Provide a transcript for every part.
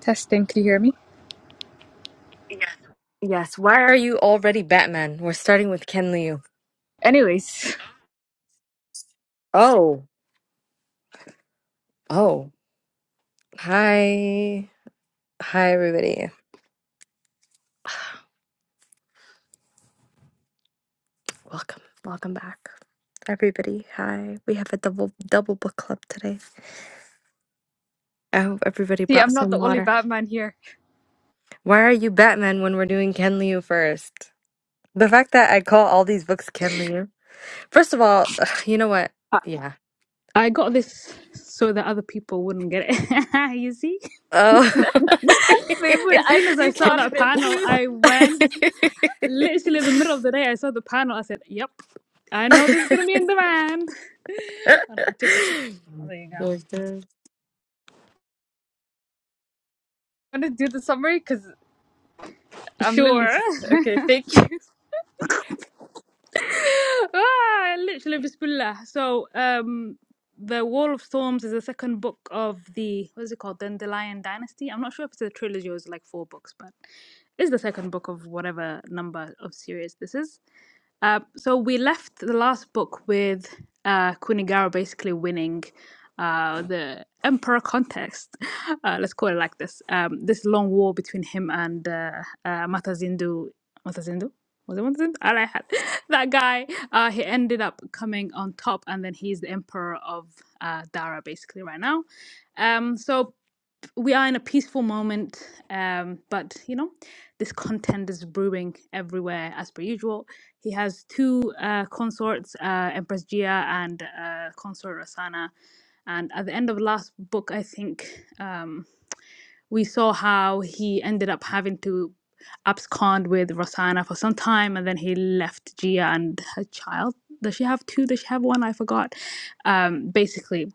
Testing, can you hear me? Yeah. Yes. Why are you already Batman? We're starting with Ken Liu. Anyways, Oh, oh. Hi. Hi, everybody. Welcome. Welcome back. Everybody, hi. We have a double double book club today. I hope everybody see, brought I'm not some the only water. Batman here. Why are you Batman when we're doing Ken Liu first? The fact that I call all these books Ken Liu. First of all, you know what? Yeah. I got this so that other people wouldn't get it. you see? Oh. Maybe when As I soon as I saw screenshotted that it panel, too. I went literally in the middle of the day. I saw the panel. I said, Yep, I know this is going to be in demand. And I took it. Oh, There you go. Mhm. I'm gonna do the summary because I'm literally Sure. just okay. Thank you. ah, literally, Bismillah. So, um, The Wall of Storms is the second book of the, what is it called? Dandelion Dynasty. I'm not sure if it's a trilogy or it's like four books, but it's the second book of whatever number of series this is. Uh, so we left the last book with uh, Kunigara basically winning uh, the emperor contest. Uh, let's call it like this. Um, this long war between him and uh, uh, Matazindu. Matazindu? Was it Matazindu? Alahad. that guy. Uh, he ended up coming on top, and then he's the emperor of uh, Dara basically right now. Um, so we are in a peaceful moment, um, but you know, this content is brewing everywhere as per usual. He has two uh, consorts, uh, Empress Gia and uh, consort Rosanna. And at the end of the last book, I think um, we saw how he ended up having to abscond with Rosanna for some time, and then he left Gia and her child. Does she have two? Does she have one? I forgot. Um, basically,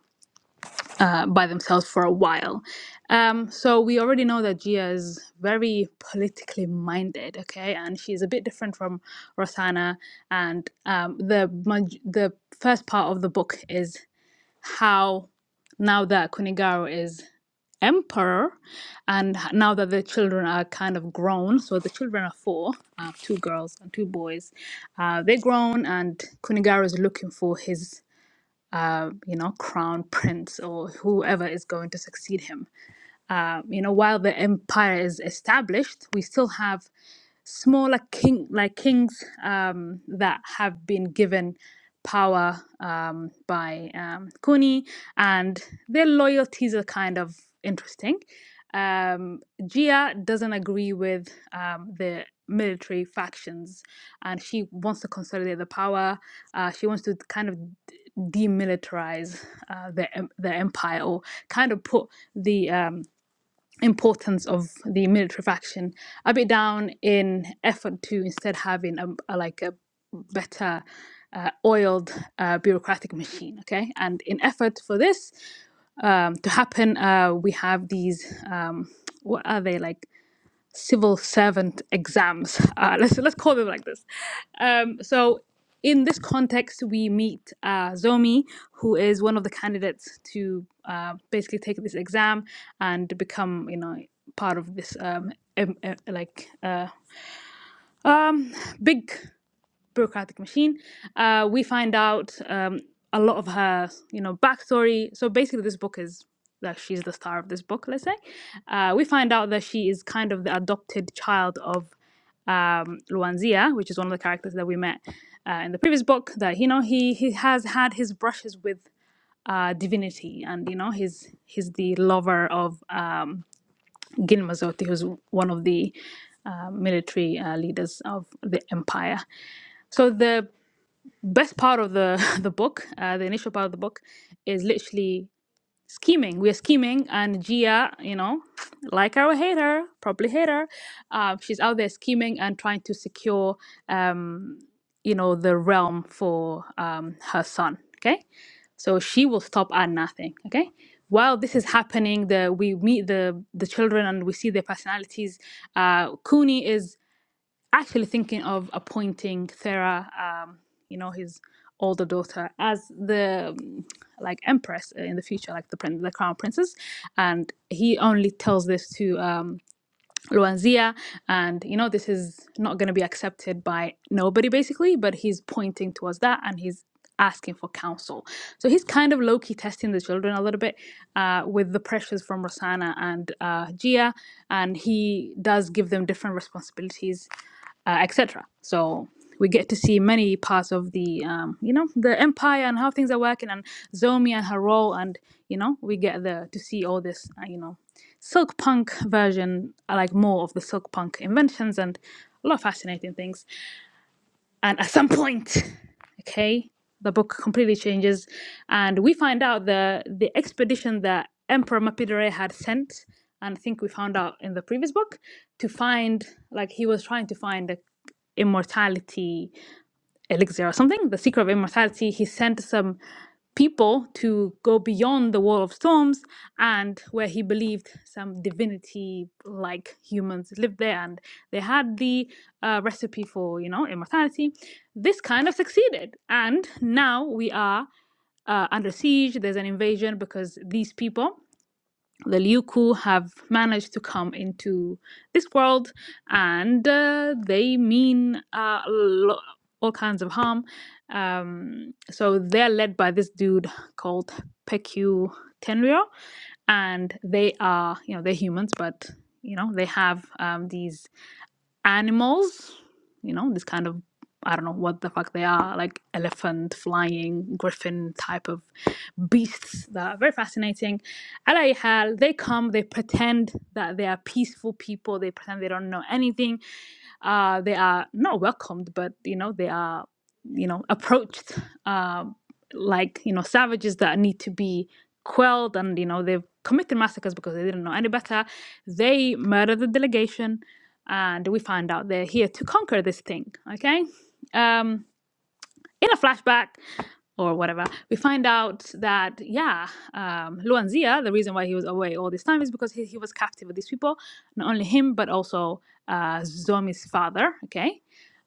uh, by themselves for a while. Um, so we already know that Gia is very politically minded, okay, and she's a bit different from Rosanna. And um, the maj- the first part of the book is how now that Kunigaro is emperor, and h- now that the children are kind of grown, so the children are four, uh, two girls and two boys, uh, they're grown, and Kunigaro is looking for his uh, you know, crown prince or whoever is going to succeed him. Uh, you know, while the empire is established, we still have smaller king like kings um, that have been given power um, by um, Kuni, and their loyalties are kind of interesting. Um, Gia doesn't agree with um, the military factions, and she wants to consolidate the power. Uh, she wants to kind of d- demilitarize uh, the em- the empire, or kind of put the um, importance of the military faction a bit down in effort to instead having a, a- like a better uh, oiled uh, bureaucratic machine okay and in effort for this um, to happen uh, we have these um, what are they like civil servant exams. Uh, let's let's call them like this. Um, so, in this context, we meet uh, Zomi, who is one of the candidates to uh, basically take this exam and become, you know, part of this um, em- em- like uh, um, big bureaucratic machine. Uh, we find out um, a lot of her, you know, backstory. So basically, this book is that she's the star of this book. Let's say uh, we find out that she is kind of the adopted child of um, Luanzia, which is one of the characters that we met uh, in the previous book. That you know he he has had his brushes with uh, divinity, and you know he's he's the lover of um, Gin Mazzotti, who's one of the uh, military uh, leaders of the empire. So the best part of the the book, uh, the initial part of the book, is literally scheming. We are scheming, and Gia, you know, like her or hate her, probably hate her. Uh, she's out there scheming and trying to secure, um, you know, the realm for um, her son. Okay, so she will stop at nothing. Okay. While this is happening, the we meet the the children and we see their personalities. Uh, Cooney is actually thinking of appointing Thera, um, you know, his older daughter, as the um, like empress in the future, like the prin- the crown princess, and he only tells this to um, Luanzia, and you know this is not going to be accepted by nobody basically. But he's pointing towards that, and he's asking for counsel. So he's kind of low key testing the children a little bit uh, with the pressures from Rosanna and uh, Gia, and he does give them different responsibilities, uh, etc. So we get to see many parts of the um, you know the empire and how things are working, and Zomi and her role, and you know we get the to see all this uh, you know silk punk version i like more of the silk punk inventions and a lot of fascinating things and at some point okay the book completely changes and we find out the the expedition that emperor mapidere had sent and i think we found out in the previous book to find like he was trying to find the immortality elixir or something, the secret of immortality, he sent some people to go beyond the wall of storms and where he believed some divinity like humans lived there and they had the uh, recipe for you know immortality this kind of succeeded and now we are uh, under siege there's an invasion because these people the Liu Ku have managed to come into this world and uh, they mean uh, lo- all kinds of harm. Um, so they're led by this dude called Pekyu Tenryo and they are, you know, they're humans, but, you know, they have um, these animals, you know, this kind of I don't know what the fuck they are, like elephant, flying, griffin type of beasts that are very fascinating. Alayhal, they come, they pretend that they are peaceful people, they pretend they don't know anything. Uh, they are not welcomed, but you know, they are, you know, approached uh, like, you know, savages that need to be quelled and, you know, they've committed massacres because they didn't know any better. They murder the delegation and we find out they're here to conquer this thing okay um in a flashback or whatever we find out that yeah um luan zia the reason why he was away all this time is because he, he was captive with these people not only him but also uh zomi's father okay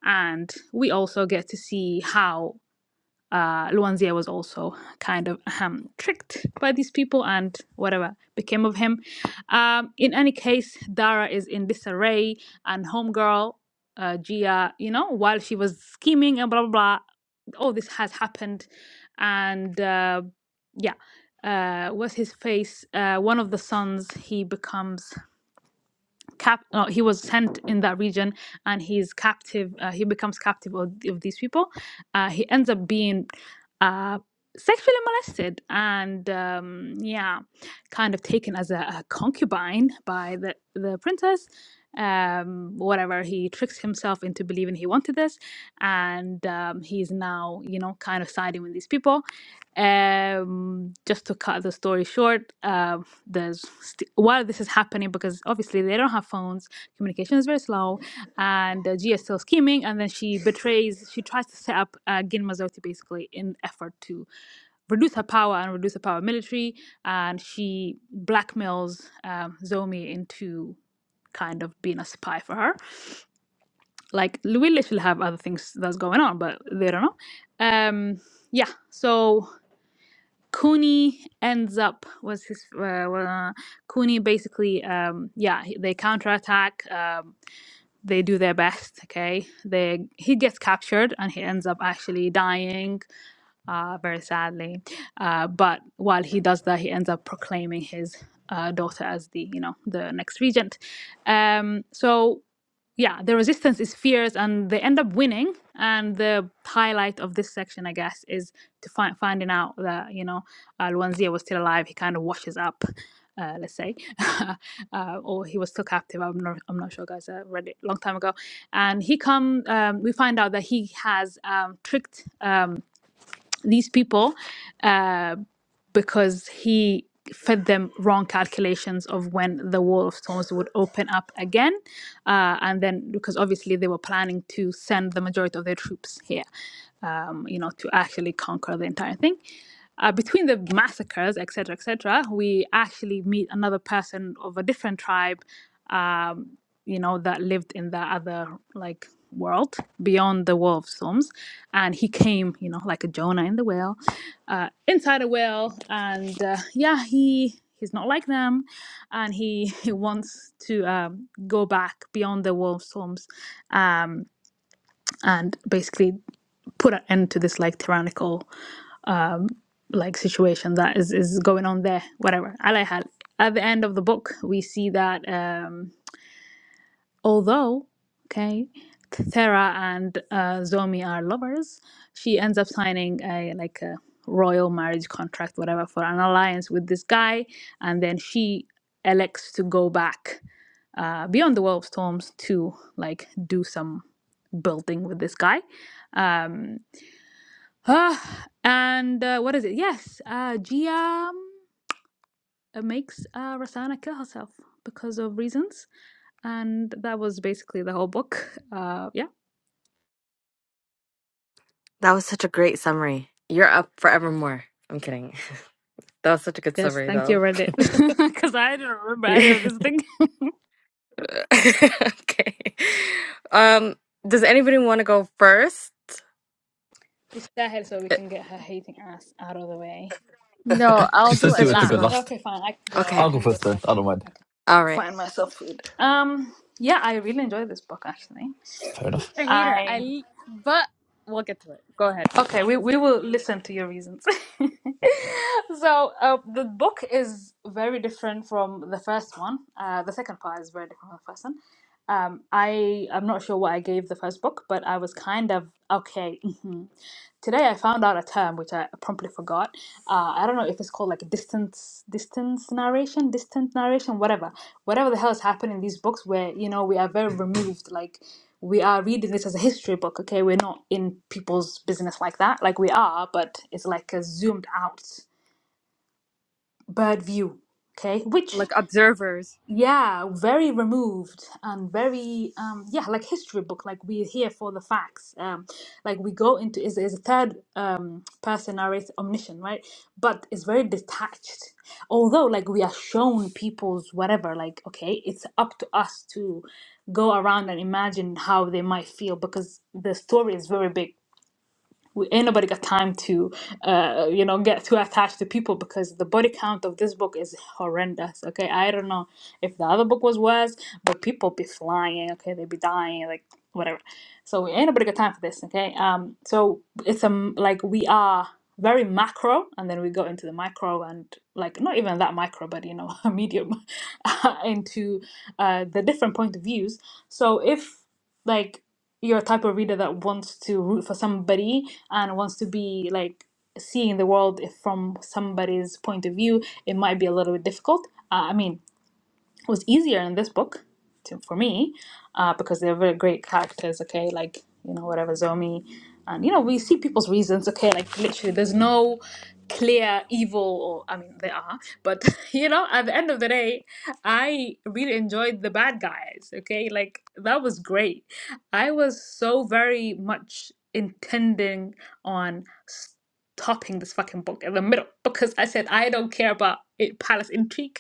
and we also get to see how uh, Luanzia was also kind of um, tricked by these people and whatever became of him. Um, in any case, Dara is in disarray and Homegirl, uh, Gia, you know, while she was scheming and blah, blah, blah, all this has happened. And uh, yeah, uh, was his face, uh, one of the sons, he becomes cap no, he was sent in that region and he's captive uh, he becomes captive of, of these people uh, he ends up being uh, sexually molested and um, yeah kind of taken as a, a concubine by the, the princess um whatever he tricks himself into believing he wanted this and um he's now you know kind of siding with these people um just to cut the story short um there's st- while this is happening because obviously they don't have phones communication is very slow and uh, gia is still scheming and then she betrays she tries to set up uh, gin mazoti basically in effort to reduce her power and reduce the power of military and she blackmails um, zomi into kind of being a spy for her like we literally have other things that's going on but they don't know um yeah so Cooney ends up was his uh, well, uh, Cooney basically um yeah they counterattack um they do their best okay they he gets captured and he ends up actually dying uh, very sadly. Uh, but while he does that, he ends up proclaiming his uh, daughter as the, you know, the next regent. Um, so yeah, the resistance is fierce, and they end up winning. And the highlight of this section, I guess, is to find finding out that you know uh, Luanzia was still alive. He kind of washes up. Uh, let's say, uh, or he was still captive. I'm not. I'm not sure, guys. I read it a long time ago, and he come. Um, we find out that he has um, tricked. Um, these people uh, because he fed them wrong calculations of when the wall of stones would open up again uh, and then because obviously they were planning to send the majority of their troops here um, you know to actually conquer the entire thing uh, between the massacres etc etc we actually meet another person of a different tribe um, you know, that lived in that other like world beyond the wall of storms. And he came, you know, like a Jonah in the whale, uh, inside a whale. And uh, yeah, he he's not like them, and he he wants to um, go back beyond the wall of storms, um, and basically put an end to this like tyrannical um, like situation that is is going on there. Whatever. Alahal. At the end of the book, we see that. Um, Although, okay, Thera and uh, Zomi are lovers, she ends up signing a like a royal marriage contract, whatever, for an alliance with this guy, and then she elects to go back uh, beyond the world of storms to like do some building with this guy. Um, ah, and uh, what is it? Yes, uh, Gia um, makes uh, Rosanna kill herself because of reasons and that was basically the whole book. Uh, yeah. That was such a great summary. You're up forevermore. I'm kidding. That was such a good Yes, summary, thank you, though. Reddit. Because I didn't remember any of okay. this thing. Um, does anybody want to go first? Just go ahead so we Uh, can get her hating ass out of the way. No, I'll She She do says it she said she went to wants to go go. last. on- last. Okay, fine. I can go. I I'll Okay. go can go first so I then. I don't can, mind. I can All right. find myself food. Um, yeah, I really enjoyed this book actually. Fair enough. I hate her. I I. l- but we'll get to it. Go ahead. Okay, we, we will listen to your reasons. so, uh, the book is very different from the first one. Uh, the second part is very different from the first one. Um, I, I'm not sure what I gave the first book, but I was kind of okay. Today I found out a term which I promptly forgot. Uh, I don't know if it's called like distance, distance narration, distant narration, whatever, whatever the hell is happening in these books where you know we are very removed. Like we are reading this as a history book. Okay, we're not in people's business like that. Like we are, but it's like a zoomed out bird view. Okay, which Like observers, yeah, very removed and very um yeah, like history book. Like we're here for the facts. Um, like we go into is is a third um person narrator omniscient, right? But it's very detached. Although like we are shown people's whatever, like okay, it's up to us to go around and imagine how they might feel because the story is very big we, ain't nobody got time to uh you know get too attached to people because the body count of this book is horrendous okay i don't know if the other book was worse but people be flying okay they be dying like whatever so we ain't nobody got time for this okay um so it's um like we are very macro and then we go into the micro and like not even that micro but you know medium into uh the different point of views so if like you're a type of reader that wants to root for somebody and wants to be like seeing the world if from somebody's point of view it might be a little bit difficult uh, i mean was easier in this book to, for me uh, because they're very great characters okay like you know whatever zomi and you know we see people's reasons okay like literally there's no clear evil or i mean there are but you know at the end of the day i really enjoyed the bad guys okay like that was great i was so very much intending on topping this fucking book in the middle because I said I don't care about it, palace intrigue.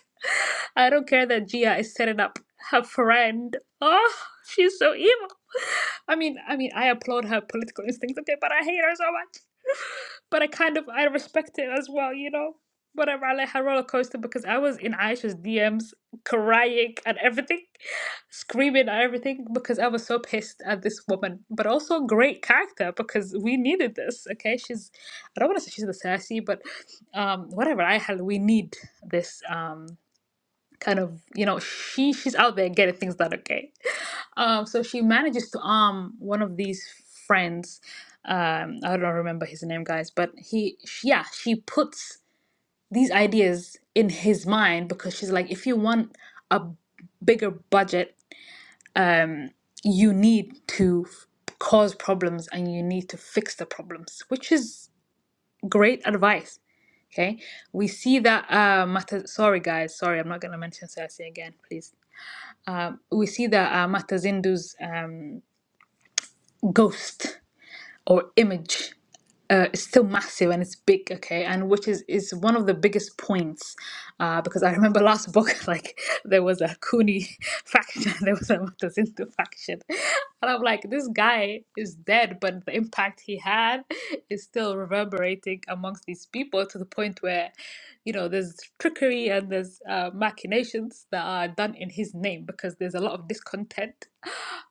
I don't care that Gia is setting up her friend. Oh, she's so evil. I mean, I mean, I applaud her political instincts, okay, but I hate her so much. But I kind of I respect it as well, you know. Whatever, I let her roller coaster because I was in Aisha's DMs crying and everything, screaming at everything because I was so pissed at this woman. But also great character because we needed this. Okay, she's I don't want to say she's the sassy, but um, whatever. I hell, we need this um, kind of you know she she's out there getting things done. Okay, um, so she manages to arm one of these friends. Um, I don't remember his name, guys, but he she, yeah she puts these ideas in his mind because she's like, if you want a bigger budget, um, you need to f- cause problems and you need to fix the problems, which is great advice Okay, we see that uh, Mata. Sorry, guys. Sorry, I'm not going to mention Cersei again, please. Um, we see that uh, Matazindu's um, ghost or image uh, it's still massive and it's big okay and which is is one of the biggest points uh, because i remember last book like there was a Kuni faction there was a Matazindu faction and i'm like this guy is dead but the impact he had is still reverberating amongst these people to the point where you know there's trickery and there's uh, machinations that are done in his name because there's a lot of discontent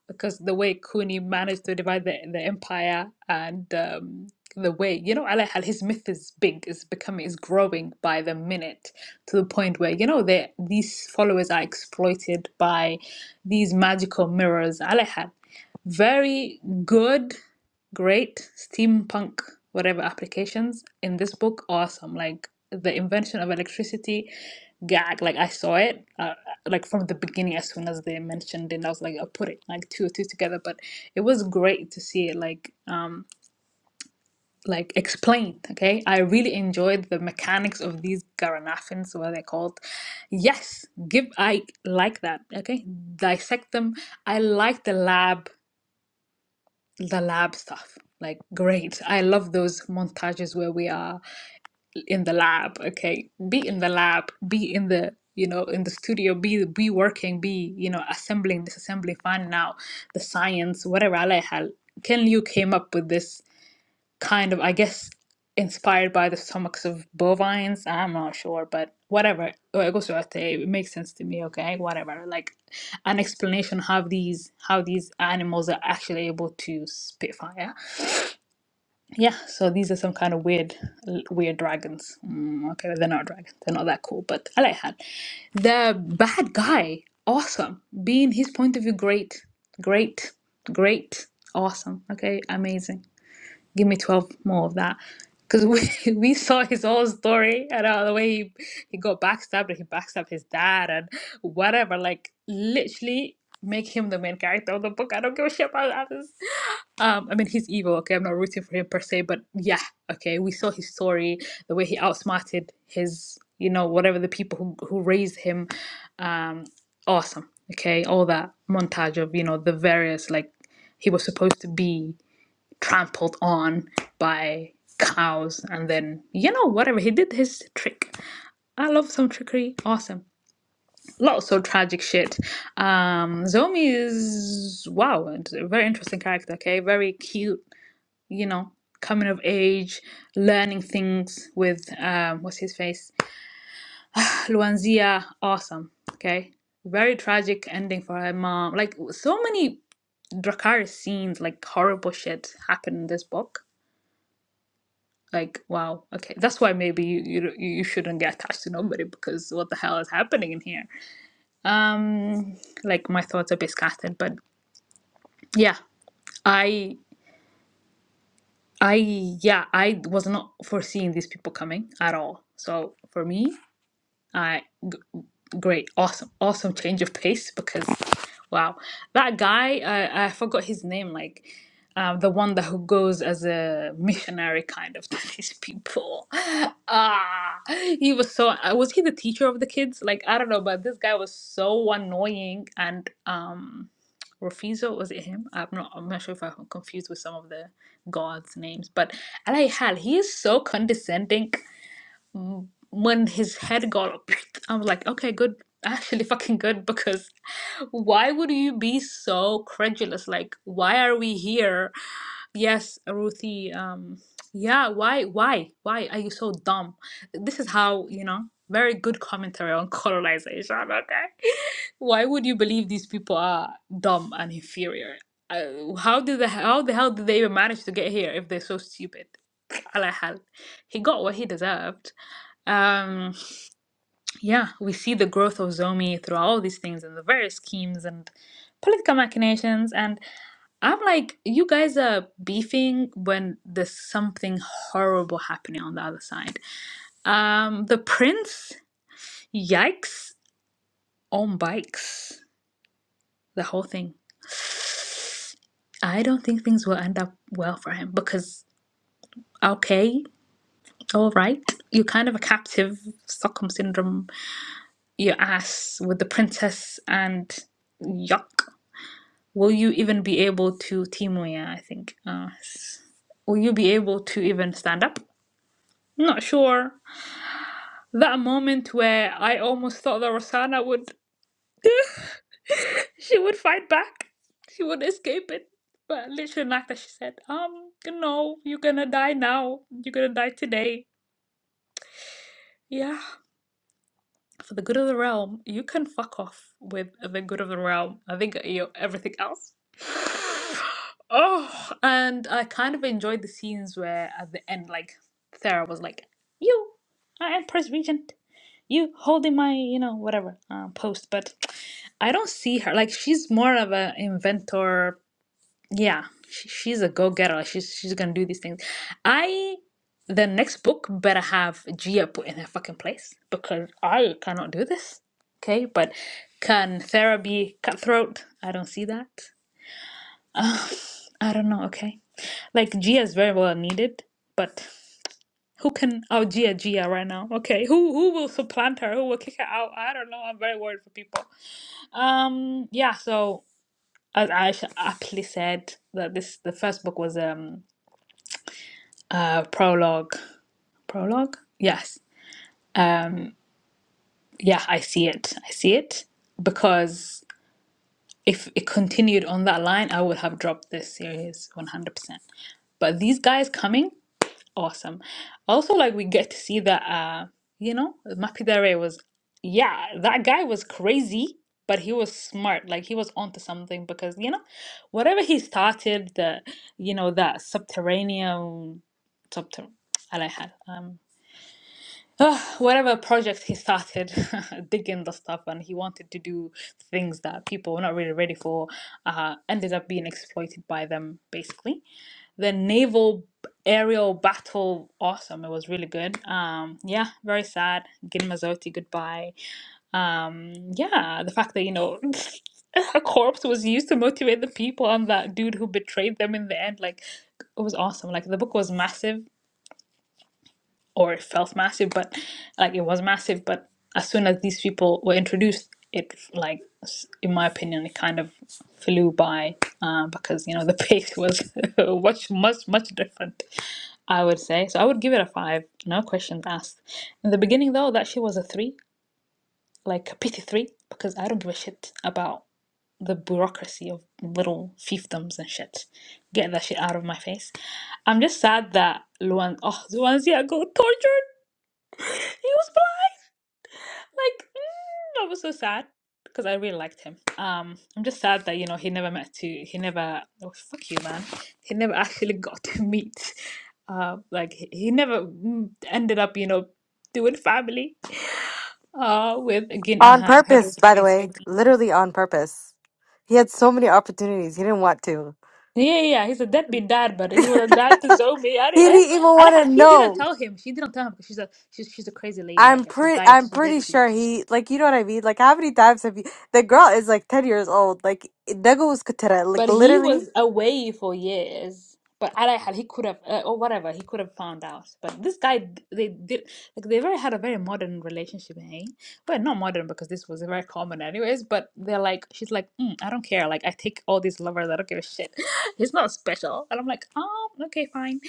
because the way Kuni managed to divide the, the empire and um, the way, you know, Alayhal, his myth is big, is becoming, is growing by the minute to the point where, you know, they, these followers are exploited by these magical mirrors. Alayhal, very good great steampunk whatever applications in this book awesome like the invention of electricity gag like i saw it uh, like from the beginning as soon as they mentioned it i was like i'll put it like two or two together but it was great to see it like um like explained okay i really enjoyed the mechanics of these garanafins what they're called yes give i like that okay dissect them i like the lab the lab stuff. Like, great. I love those montages where we are in the lab. Okay. Be in the lab, be in the you know in the studio be be working be you know assembling disassembling finding out the science whatever على حال. ken liu came up with this kind of i guess inspired by the stomachs of bovines i'm not sure but whatever Oh, it goes to say, it makes sense to me okay whatever like an explanation how these how these animals are actually able to spit fire yeah, so these are some kind of weird, weird dragons. Mm, okay, well, they're not dragons. They're not that cool, but I like that. The bad guy, awesome. Being his point of view, great, great, great, awesome. Okay, amazing. Give me twelve more of that, because we we saw his whole story and uh, the way he he got backstabbed and he backstabbed his dad and whatever. Like literally, make him the main character of the book. I don't give a shit about others. Um, I mean, he's evil. Okay, I'm not rooting for him per se, but yeah, okay, we saw his story, the way he outsmarted his, you know, whatever the people who who raised him. Um, awesome. Okay, all that montage of you know the various like he was supposed to be trampled on by cows, and then you know whatever he did his trick. I love some trickery. Awesome. Lots of tragic shit. Um, Zomi is wow, a very interesting character. Okay, very cute you know, coming of age, learning things with um, what's his face, Luanzia. Awesome. Okay, very tragic ending for her mom. Like so many Dracarys scenes, like horrible shit happened in this book. Like wow, okay, that's why maybe you you you shouldn't get attached to nobody because what the hell is happening in here? Um, like my thoughts are a bit scattered, but yeah, I I yeah, I was not foreseeing these people coming at all. So for me, I g- great, awesome, awesome change of pace because wow, that guy I I forgot his name like. Um, the one that who goes as a missionary kind of to these people. Ah, he was so. uh, Was he the teacher of the kids? Like I don't know, but this guy was so annoying. And um, Rafizo was it him? I'm not. I'm not sure if I'm confused with some of the gods' names, but alayhal, he is so condescending. Mm, When his head got up, I'm like, okay, good. Actually, fucking good because why would you be so credulous? Like, why are we here? Yes, Ruthie. Um, yeah, why, why, why are you so dumb? This is how, you know, very good commentary on colonization, okay? Why would you believe these people are dumb and inferior? Uh, how did the how the hell did they even manage to get here if they're so stupid? Alahal, he got what he deserved. Um, yeah, we see the growth of Zomi through all these things and the various schemes and political machinations. And I'm like, you guys are beefing when there's something horrible happening on the other side. Um, the prince, yikes, on bikes, the whole thing. I don't think things will end up well for him because, okay, all right, you're kind of a captive, Stockholm syndrome, your ass with the princess and yuck will you even be able to Timo yeah I think uh, s- will you be able to even stand up not sure that moment where I almost thought that Rosanna would she would fight back she would escape it but literally like that she said um no you're gonna die now you're gonna die today yeah for the good of the realm, you can fuck off with the good of the realm. I think you know, everything else. Oh, and I kind of enjoyed the scenes where at the end, like Thera was like, "You, I am Prince Regent. You holding my, you know, whatever uh, post." But I don't see her like she's more of an inventor, yeah she, she's a go-getter Like, she's she's gonna do these things i the next book better have gia put in her fucking place because i cannot do this okay but can therapy cutthroat i don't see that i don't know okay like gia is very well needed but who can out gia gia right now okay who who will supplant her who will kick her out i don't know i'm very worried for people um yeah so as Aisha aptly said that this the first book was um a prologue prologue yes yeah i see it i see it because if it continued on that line i would have dropped this series 100% but these guys coming awesome also like we get to see that uh you know mapidare was yeah that guy was crazy but he was smart like he was onto something because you know whatever he started the you know that subterranean subter- I like had um Ah, whatever project he started, digging the stuff, and he wanted to do things that people were not really ready for, uh, ended up being exploited by them, basically. The naval aerial battle, awesome. It was really good. Um, yeah, very sad. Gin Mazzotti, goodbye. Um, yeah, the fact that, you know, a corpse was used to motivate the people, and that dude who betrayed them in the end, like, it was awesome. Like, the book was massive or it felt massive, but like it was massive. But as soon as these people were introduced, it like, s- in my opinion, it kind of flew by uh, because you know the pace was much, much, much different. I would say so. I would give it a five. No questions asked. In the beginning, though, that shit was a three, like a pity three, because I don't give a shit about the bureaucracy of little fiefdoms and shit. Get that shit out of my face. I'm just sad that Luan, oh, Luanzia got tortured. He was black. Like, mm, I was so sad because I really liked him. Um, I'm just sad that you know he never met to he never oh fuck you man he never actually got to meet. Uh, like he, he never mm, ended up you know doing family. Uh, with again and On her, her purpose, daughter by the way. basically. Literally on purpose. He had so many opportunities. He didn't want to. Yeah, yeah, yeah, he's a deadbeat dad, but he he was a dad to Zomi anyway. didn't even And want I to had- she know. didn't tell him. She didn't tell him because she's a she's she's a crazy lady. I I'm guess she pretty died. I'm She dead pretty too. sure he like you know what I mean? Like how many times have you the girl is like ten years old. Like Nego was Katera, But like he literally was away for years. But Arayhal, he could have, uh, or whatever, he could have found out. But this guy, they did, like, they very had a very modern relationship, eh? Well, not modern because this was very common, anyways. But they're like, she's like, mm, I don't care. Like, I take all these lovers. I don't give a shit. He's not special. And I'm like, oh, okay, fine.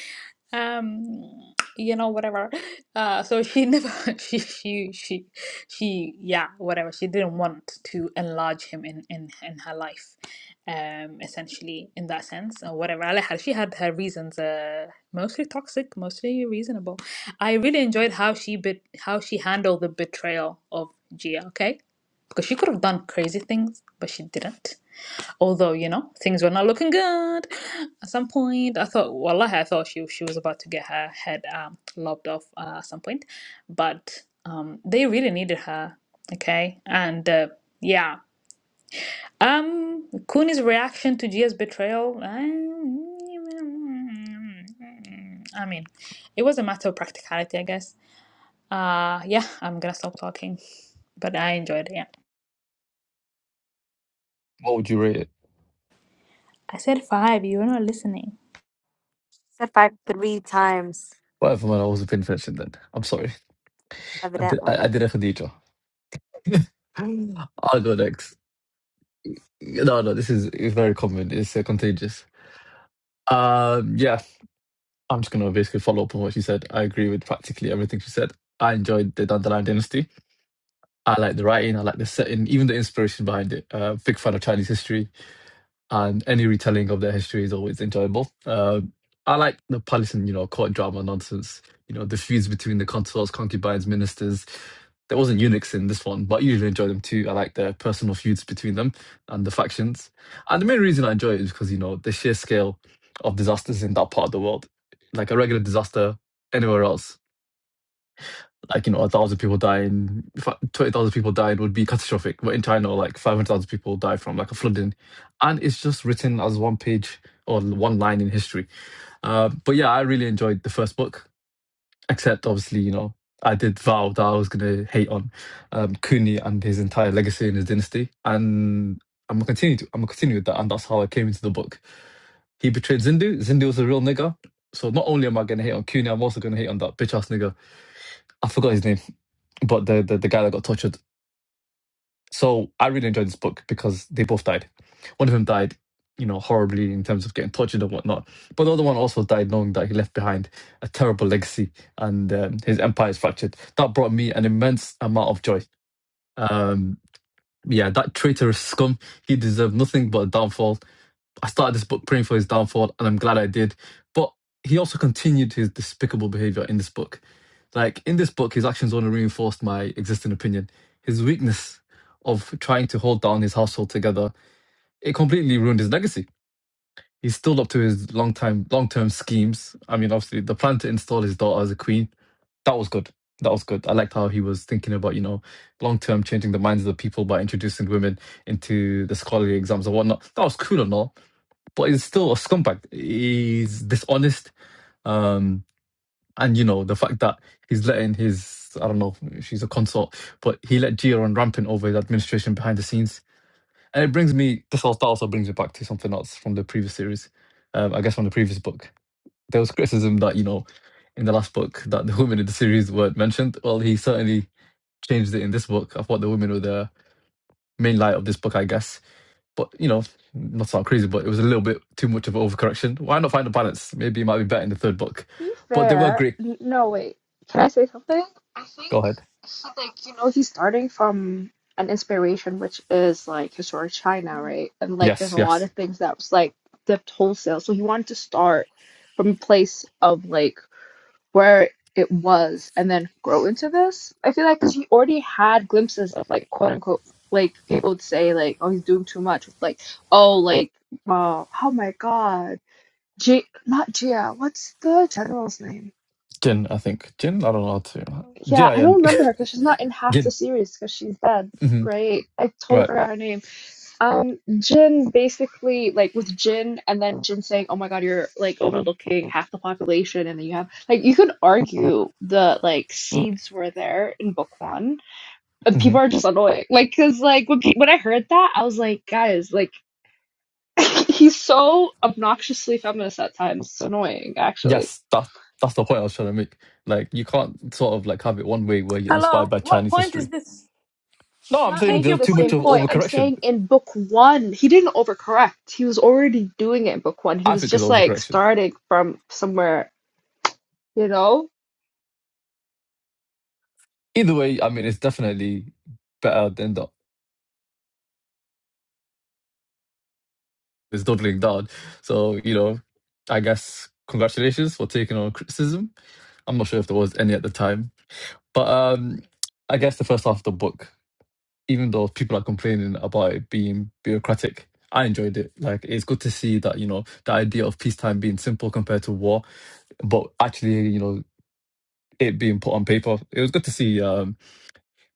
Um, you know, whatever. Uh, so she never, she, she, she, she, yeah, whatever. She didn't want to enlarge him in in in her life um, essentially in that sense or whatever. Ali had- she had her reasons, uh, mostly toxic, mostly reasonable. I really enjoyed how she bet how she handled the betrayal of Gia. Okay, because she could have done crazy things, but she didn't. Although you know things were not looking good. At some point, I thought, wallahi, I thought she she was about to get her head um, lobbed off uh, at some point, but um, they really needed her. Okay, and uh, yeah um, Kuni's reaction to Gia's betrayal. um, I mean, it was a matter of practicality, I guess. Uh, yeah, I'm gonna stop talking, but I enjoyed it. Yeah, What would you rate it? I said five. You were not listening. said five three times, Whatever, man. I wasn't paying attention then. I'm sorry. I did. I, evidently. I did a Khadija. I'll go next. No, no. This is it's very common. It's uh, contagious. Um, yeah. I'm just gonna basically follow up on what she said. I agree with practically everything she said. I enjoyed the Dandelion Dynasty. I like the writing. I like the setting, even the inspiration behind it. Uh, big fan of Chinese history. and any retelling of their history is always enjoyable. Uh, I like the Palestinian, you know, court drama nonsense. You know, the feuds between the consuls, concubines, ministers. There wasn't eunuchs in this one, but I usually enjoy them too. I like the personal feuds between them and the factions. And the main reason I enjoy it is because you know the sheer scale of disasters in that part of the world. Like a regular disaster anywhere else like you know a thousand people dying, twenty thousand people dying would be catastrophic. But in China, like five hundred thousand people die from like a flooding, and it's just written as one page or one line in history. Uh, but yeah, I really enjoyed the first book, except obviously you know I did vow that I was gonna hate on um, Kuni and his entire legacy and his dynasty, and I'm gonna continue. To, I'm gonna continue with that, and that's how I came into the book. He betrayed Zindu. Zindu was a real nigger. So not only am I gonna hate on Kuni, I'm also gonna hate on that bitch ass nigger. I forgot his name but the, the the guy that got tortured. So I really enjoyed this book because they both died. One of them died, you know, horribly in terms of getting tortured and whatnot. But the other one also died knowing that he left behind a terrible legacy and um, his empire is fractured. That brought me an immense amount of joy. Um, yeah, that traitorous scum, he deserved nothing but a downfall. I started this book praying for his downfall, and I'm glad I did. But he also continued his despicable behavior in this book. Like in this book, his actions only reinforced my existing opinion. His weakness of trying to hold down his household together it completely ruined his legacy. He still up to his long time, long term schemes. I mean, obviously, the plan to install his daughter as a queen that was good. That was good. I liked how he was thinking about you know long term changing the minds of the people by introducing women into the scholarly exams and whatnot. That was cool and all but he's still a scumbag. He's dishonest. Um, and you know the fact that he's letting his I don't know she's a consort, but he let Gia run rampant over his administration behind the scenes. And it brings me this also, that also brings me back to something else from the previous series. Um, I guess from the previous book, there was criticism that you know in the last book that the women in the series weren't mentioned. Well, he certainly changed it in this book. I thought the women were the main light of this book, I guess but you know, not sound crazy, but it was a little bit too much of an overcorrection. Why not find a balance? Maybe it might be better in the third book. be But they were fair, great. n- no wait. Can I say something? I think Go ahead. he like you know he's starting from an inspiration which is like historic China, right? And like there's Yes, a lot yes. of things that was like dipped wholesale. So he wanted to start from a place of like where it was and then grow into this. I feel like because he already had glimpses of like quote unquote like people would say like oh he's doing too much with like oh like uh, oh my god G not Gia what's the general's name? Jin, I think. Jin? I don't know how to. Yeah, I don't J-I-N. remember her because she's not in half the Jin. series because she's dead, hmm right? I totally Right. forgot her name. Um, Jin basically like with Jin and then Jin saying, "Oh my God, you're like overlooking half the population," and then you have like you could argue the like seeds were there in book one, and hmm people are just annoying. Like, cause like when pe- when I heard that, I was like, guys, like he's so obnoxiously feminist at times. It's annoying, actually. Yes, that, that's the point I was trying to make. Like, you can't sort of like have it one way where you're inspired Hello, by what Chinese point is history. this? No, I'm not saying Take making your there's the too point much same of and point. shove I'm it. overcorrection. saying in book one, he didn't overcorrect. He was already doing it in book one. He I was think it's just like overcorrection. starting from somewhere, you know? Either way, I mean, it's definitely better than the is doubling down. So, you know, I guess congratulations for taking on criticism. I'm not sure if there was any at the time. But um, I guess the first half of the book, even though people are complaining about it being bureaucratic, I enjoyed it. Like it's good to see that, you know, the idea of peacetime being simple compared to war, but actually, you know, it being put on paper. It was good to see. Um,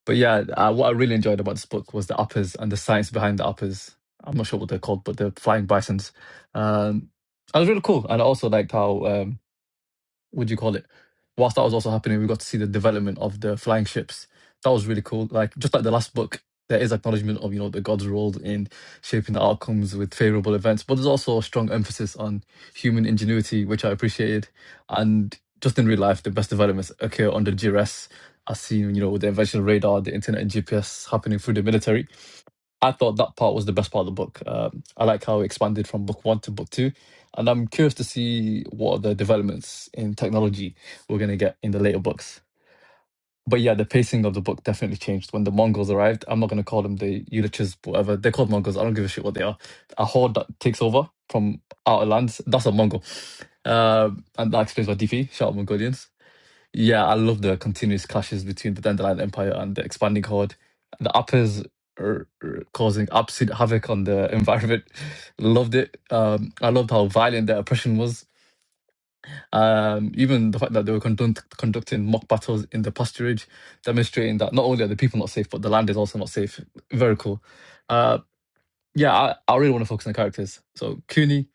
but yeah, uh, what I really enjoyed about this book was the uppers and the science behind the uppers. I'm not sure what they're called, but they're flying bisons. Um, that was really cool, and I also liked how um, what do you call it? Whilst that was also happening, we got to see the development of the flying ships. That was really cool. Like just like the last book, there is acknowledgement of you know the gods' role in shaping the outcomes with favorable events, but there's also a strong emphasis on human ingenuity, which I appreciated. And just in real life, the best developments occur under duress, as seen you know with the invention of radar, the internet, and GPS happening through the military. I thought that part was the best part of the book. Um, I like how it expanded from book one to book two, and I'm curious to see what other developments in technology we're gonna get in the later books. But yeah, the pacing of the book definitely changed when the Mongols arrived. I'm not gonna call them the Ulichs, whatever they're called Mongols. I don't give a shit what they are. A horde that takes over from outer lands. That's a Mongol, Um and that explains why DP shout out Mongolians. Yeah, I love the continuous clashes between the Dandelion Empire and the expanding horde. The uppers are, are causing absolute havoc on the environment. Loved it. Um, I loved how violent the oppression was. Um, even the fact that they were conduct- conducting mock battles in the pasturage, demonstrating that not only are the people not safe, but the land is also not safe. Very cool. Uh, yeah, I, I really want to focus on the characters. So Cooney,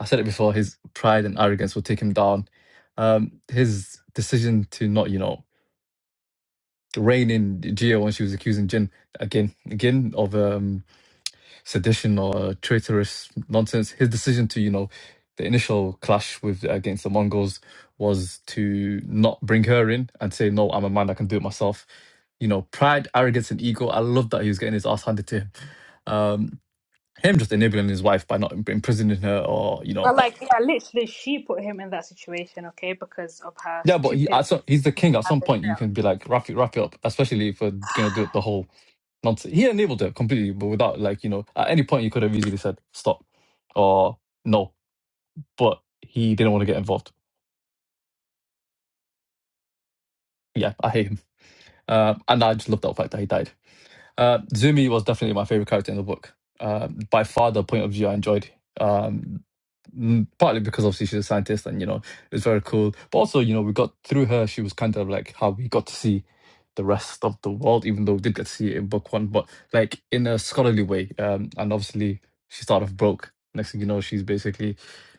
I said it before, his pride and arrogance will take him down. Um, his decision to not, you know, Rain in Geo when she was accusing Jin again, again of um, sedition or traitorous nonsense. His decision to, you know, the initial clash with against the Mongols was to not bring her in and say, "No, I'm a man. I can do it myself." You know, pride, arrogance, and ego. I love that he was getting his ass handed to him. Um, him just enabling his wife by not imprisoning her or you know But like, yeah, literally, she put him in that situation, okay, because of her Yeah, but he stupid at some, he's the king. At and some point, you betrayal. can be like, wrap it, wrap it up. Especially if we're gonna do it the whole nonsense. He enabled it completely, but without like you know, at any point you could have easily said stop or no, but he didn't want to get involved. Yeah, I hate him, uh, and I just love that fact that he died. Uh, Zumi was definitely my favorite character in the book. Uh, by far, the point of view I enjoyed. Um, mm, partly because obviously she's a scientist, and you know it was very cool. But also, you know, we got through her. She was kind of like how we got to see the rest of the world, even though we did get to see it in book one, but like in a scholarly way. Um, and obviously, she started off broke. Next thing you know, she's basically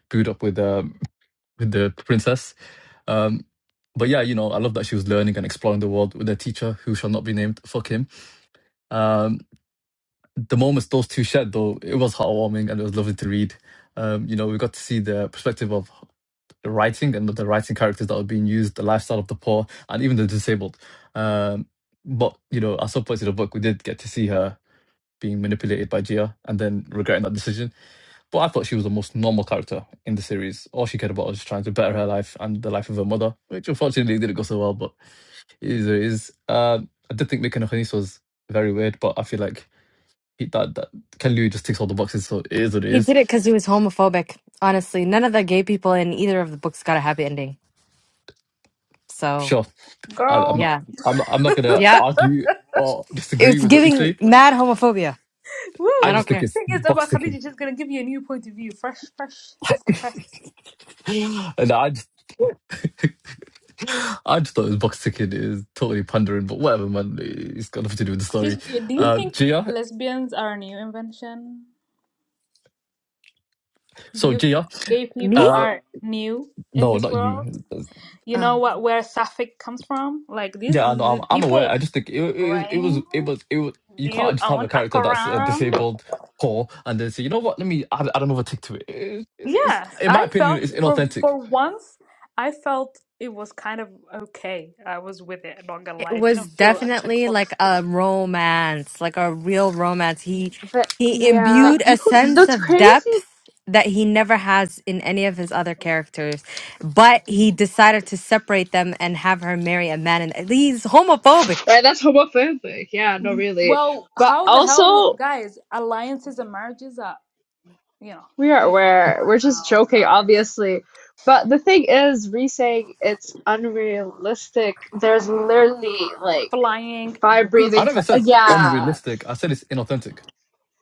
booed up with um with the princess. Um, but yeah, you know, I love that she was learning and exploring the world with a teacher who shall not be named. Fuck him. Um, the moments those two shared, though, it was heartwarming and it was lovely to read. Um, you know, we got to see the perspective of the writing and the writing characters that were being used, the lifestyle of the poor, and even the disabled. Um, but you know, at some points in the book, we did get to see her being manipulated by Gia and then regretting that decision. But I thought she was the most normal character in the series. All she cared about was trying to better her life and the life of her mother, which unfortunately didn't go so well. But it is, it is. Uh, I did think Mika no Kuni's was very weird, but I feel like he- that that Ken Liu just ticks all the boxes, so it is what it He is. did it because he was homophobic. Honestly, none of the gay people in either of the books got a happy ending. So Sure, I, I'm Girl, not- yeah, I'm not- I'm not gonna yeah, argue or disagree it's with what you giving said. mad homophobia. I I woo! don't just think care. it's Thing is box about Khadija, ticking, she's gonna give you a new point of view, fresh, fresh off the press. and I just think, I just thought it was box ticking. It is totally pandering, but whatever, man. It's got nothing to do with the story. Excuse me, do you Uh, think Gia, lesbians are a new invention? Do so you think Gia, gay people Me? uh, are new in no, this not world? you. You know what where Suffolk comes from? Like these, Yeah, I know, I'm these I'm aware. people, I just think it, it, it right? was it was it was you do you can't just have own a a character that's uh, Quran? disabled, poor, and then say you know what? Let me add, add another tick to it. It- It's, it's Yes, in my I opinion, felt it's for inauthentic. for once I felt it was kind of okay. I was with it, I'm not gonna lie. It It didn't was feel a definitely like checkbox a ticking. romance, like a real romance. He But he yeah, Like imbued you a but could sense that's s- of depth crazy. that he never has in any of his other characters. But he decided to separate them and have her marry a man and he's homophobic. Right, that's homophobic. Yeah, no, really. well, But how the hell would also, guys alliances and marriages are You know, we are be for real aware. We're right just now, joking, guys. obviously. But the thing is, re saying it's unrealistic, there's literally like Flying, fire be- I breathing. never Tra- said yeah, unrealistic. I said it's inauthentic.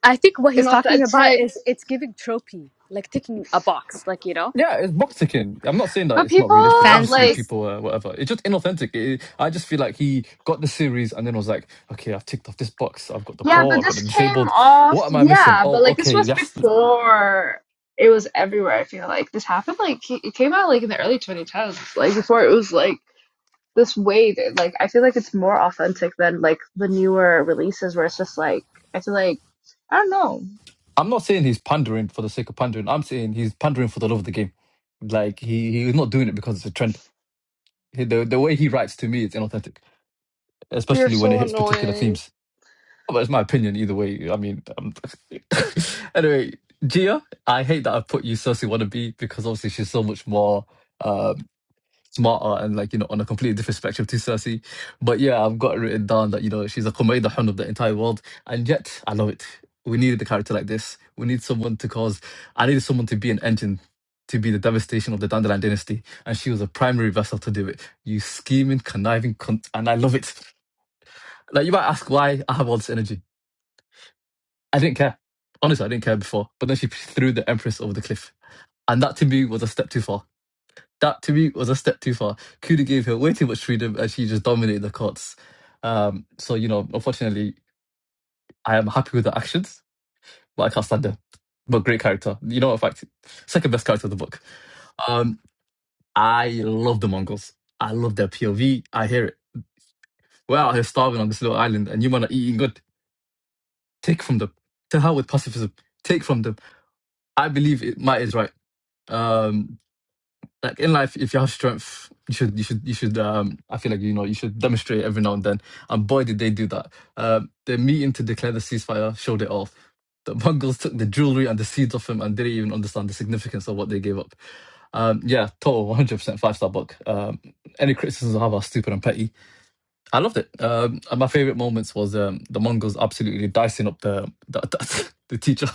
I think what he's talking about inauthentic. is it's giving tropey, like ticking a box, like you know. Yeah, it's box ticking. I'm not saying that But it's not realistic. people Fan Obviously, like service? people uh, whatever. It's just inauthentic. It, I just feel like he got the series and then was like, okay, I've ticked off this box. I've got the Yeah, poor. but I've got this the came disabled. off, What am I missing? yeah, but Oh, like this okay, was yes. before it was everywhere, I feel like. This happened like it came out like in the early 2010s, like before it was like this way that like I feel like it's more authentic than like the newer releases where it's just like I feel like I don't know, I'm not saying he's pondering for the sake of pondering. I'm saying he's pondering for the love of the game. Like he he's not doing it because it's a trend. He- The the way he writes to me is inauthentic, you're especially when it so hits particular annoying. themes. But it's my opinion either way. I mean, um, anyway, Gia, I hate that I put you Cersei wannabe because obviously she's so much more. um, smarter and like you know on a completely different spectrum to Cersei. But yeah, I've got it written down that you know she's a Khomeida hun of the entire world, and yet I love it. We needed a character like this. We need someone to cause. I needed someone to be an engine. To be the devastation of the Dandelion dynasty, and she was a primary vessel to do it. You scheming, conniving cunt, and I love it. Like you might ask why I have all this energy. I didn't care. Honestly, I didn't care before. But then she threw the Empress over the cliff, and that to me was a step too far that to me was a step too far. Kuda gave her way too much freedom and she just dominated the courts. Um, so, you know, unfortunately, I am happy with the actions, but I can't stand her. But great character. You know, in fact, second best character of the book. Um, I love the Mongols. I love their POV. I hear it. We're out here starving on this little island and you men are eating good. Take from them. To hell with pacifism. Take from them. I believe it might is right. Um, like in life if you have strength you should you should you should um i feel like you know you should demonstrate it every now and then and boy did they do that um the meeting to declare the ceasefire showed it off the mongols took the jewelry and the seeds off him and didn't even understand the significance of what they gave up um yeah total 100% five star book um any criticisms i have are stupid and petty i loved it um and my favorite moments was um the mongols absolutely dicing up the the, the, teacher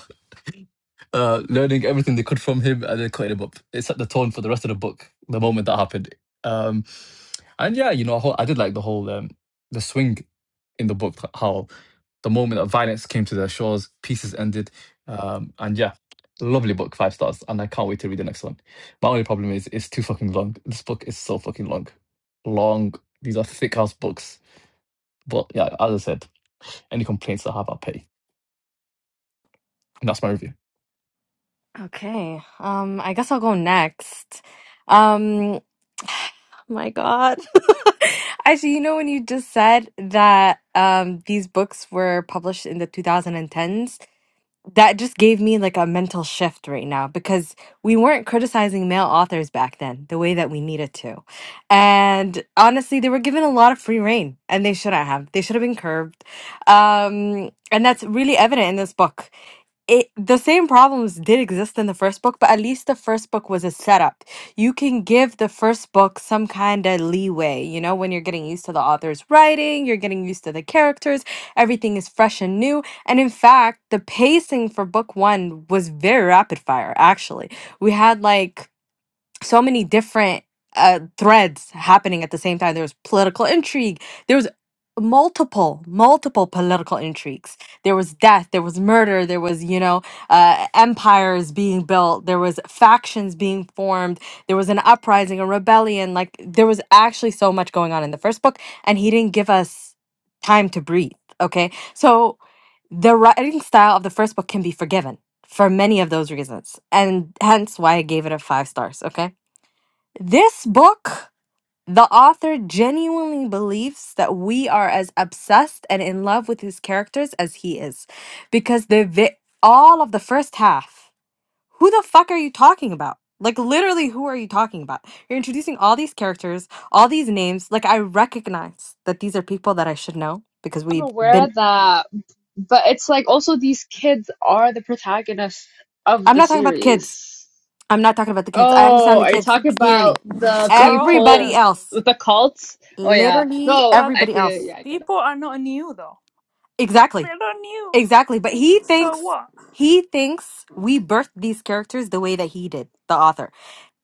uh, learning everything they could from him and then cutting him up. It set the tone for the rest of the book. The moment that happened, um, and yeah, you know, I ho- I did like the whole um, the swing in the book, like how the moment that violence came to their shores, pieces ended, um, and yeah, lovely book, five stars, and I can't wait to read the next one. My only problem is it's too fucking long. This book is so fucking long, long. These are thick ass books, but yeah, as I said, any complaints I have, I'll pay. And that's my review. Okay. Um I guess I'll go next. Um my God. Actually, you know when you just said that um these books were published in the 2010s? that just gave me like a mental shift right now because we weren't criticizing male authors back then the way that we needed to. And honestly, they were given a lot of free reign and they shouldn't have. They should have been curbed. Um, and that's really evident in this book it the same problems did exist in the first book, but at least the first book was a setup. You can give the first book some kind of leeway, you know, when you're getting used to the author's writing, you're getting used to the characters, everything is fresh and new. And in fact, the pacing for book one was very rapid fire, actually. We had like so many different uh, threads happening at the same time. There was political intrigue. There was multiple, multiple political intrigues. There was death. There was murder. There was, you know, uh, empires being built. There was factions being formed. There was an uprising, a rebellion. Like there was actually so much going on in the first book, and he didn't give us time to breathe. Okay, so the writing style of the first book can be forgiven for many of those reasons, and hence why I gave it a five stars. Okay. This book, the author genuinely believes that we are as obsessed and in love with his characters as he is, because the vi- all of the first half. Who the fuck are you talking about? Like literally, who are you talking about? You're introducing all these characters, all these names. Like I recognize that these are people that I should know because I'm we've aware been. of that, but it's like also these kids are the protagonists of I'm the not talking about the kids. series. I'm not talking about the kids. I Oh, understand the are you kids talking clearly. about the girl. Everybody people The with else, the cults? Oh yeah. literally No, but I everybody feel else. yeah, I get it. people are not new though. Exactly. They're not new. Exactly, but he So thinks what? he thinks we birthed these characters the way that he did, the author.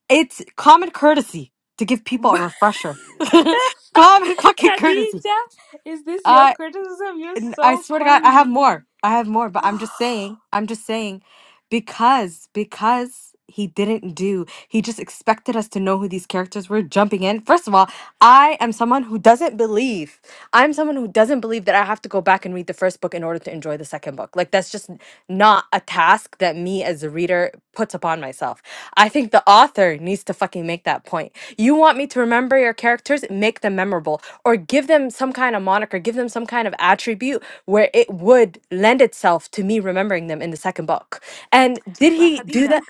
It's common courtesy to give people a But refresher. common fucking courtesy. Khadija, is this your Uh criticism? You're and I so swear to God, I have funny. more. I have more, but I'm just saying, I'm just saying, because because he didn't do, he just expected us to know who these characters were jumping in. First of all, I am someone who doesn't believe. I'm someone who doesn't believe that I have to go back and read the first book in order to enjoy the second book. Like that's just not a task that me as a reader puts upon myself. I think the author needs to fucking make that point. You want me to remember your characters? Make them memorable or give them some kind of moniker, give them some kind of attribute where it would lend itself to me remembering them in the second book. And did But he do Khadija, that?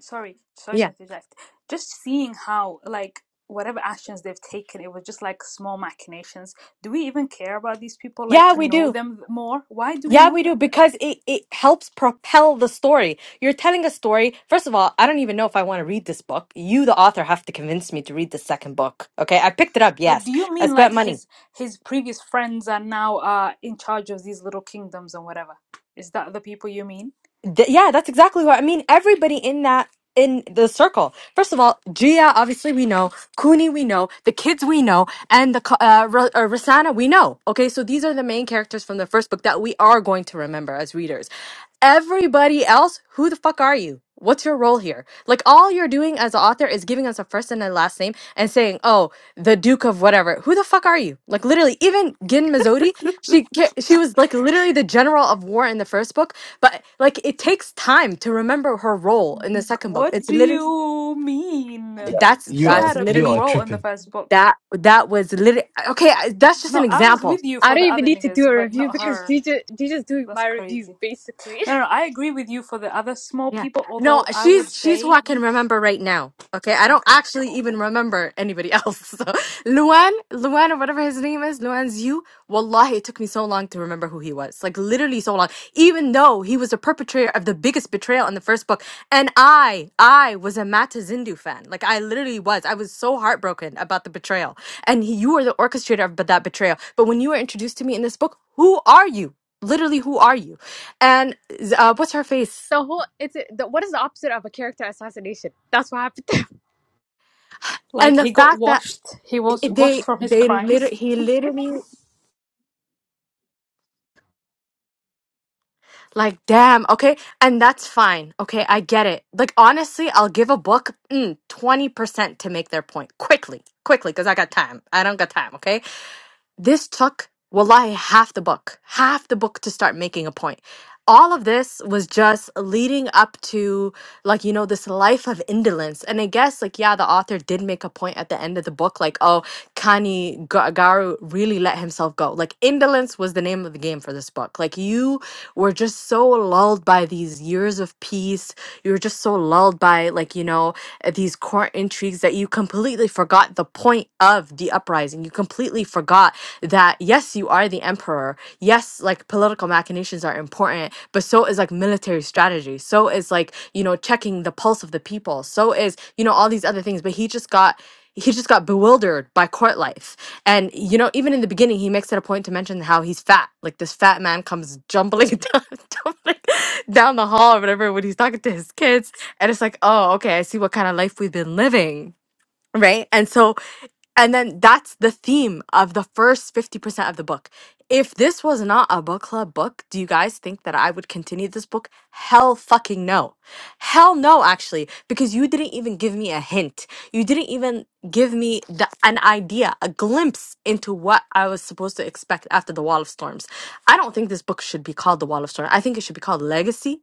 sorry, sorry to Yeah. interject. Just seeing how, like, whatever actions they've taken, it was just like small machinations. Do we even care about these people? Like, Yeah, to we know do. them more? Why do we Yeah, know we do them? because it, it helps propel the story. You're telling a story. First of all, I don't even know if I want to read this book. You, the author, have to convince me to read the second book. Okay. I picked it up. But Yes. do you I mean spent like money. his his previous friends are now uh in charge of these little kingdoms and whatever? Is that the people you mean? Th- yeah, that's exactly what I mean. Everybody in that in the circle. First of all, Gia, obviously we know, Cooney we know, the kids we know, and the co- uh, R- uh, Rosanna we know. Okay, so these are the main characters from the first book that we are going to remember as readers everybody else, who the fuck are you? What's your role here? Like all you're doing as an author is giving us a first and a last name and saying, "Oh, the Duke of whatever." Who the fuck are you? Like literally, even Gin Mizzotti, she ca- she was like literally the general of war in the first book, but like it takes time to remember her role in Mm. the second book. What It's do literally you mean? Yeah, that's She you are that's had a you big are literally role in the tripping. first book. that that was literally okay. I- That's just an No, I was example. with you I for don't the even other need to do niggas, a but review not because her. DJ DJ's doing That's my review crazy. basically. No, no, no, I agree with you for the other small Yeah. people, No, although I would she's she's who say, I can remember right now. Okay. I don't okay, actually cool. even remember anybody else. So Luan, Luan or whatever his name is, Luan's you. Wallahi, it took me so long to remember who he was. Like literally so long. Even though he was the perpetrator of the biggest betrayal in the first book. And I, I was a Mata Zindu fan. Like I literally was. I was so heartbroken about the betrayal. And he, you were the orchestrator of that betrayal. But when you were introduced to me in this book, who are you? Literally, who are you? And uh, what's her face? The whole it's a, the, what is the opposite of a character assassination? That's what happened. Like and the he got fact that washed. He was i- they washed from his they crimes. literally he literally like damn okay and that's fine okay i get it like honestly i'll give a book mm, 20% to make their point quickly quickly because i got time i don't got time okay This took, wallahi, half the book, half the book to start making a point. All of this was just leading up to, like, you know, this life of indolence. And I guess, like, yeah, the author did make a point at the end of the book, like, oh, Kani Ga- Garu really let himself go. Like, indolence was the name of the game for this book. Like, you were just so lulled by these years of peace. You were just so lulled by, like, you know, uh, these court intrigues that you completely forgot the point of the uprising. You completely forgot that yes you are the emperor yes like political machinations are important but so is like military strategy so is like you know checking the pulse of the people so is you know all these other things but he just got he just got bewildered by court life and you know even in the beginning he makes it a point to mention how he's fat like this fat man comes jumbling down, jumbling down the hall or whatever when he's talking to his kids and it's like oh okay i see what kind of life we've been living right and so and then that's the theme of the first 50% of the book. If this was not a book club book, do you guys think that I would continue this book? Hell fucking no. Hell no, actually, because you didn't even give me a hint. You didn't even give me the, an idea, a glimpse into what I was supposed to expect after The Wall of Storms. I don't think this book should be called The Wall of Storms. I think it should be called Legacy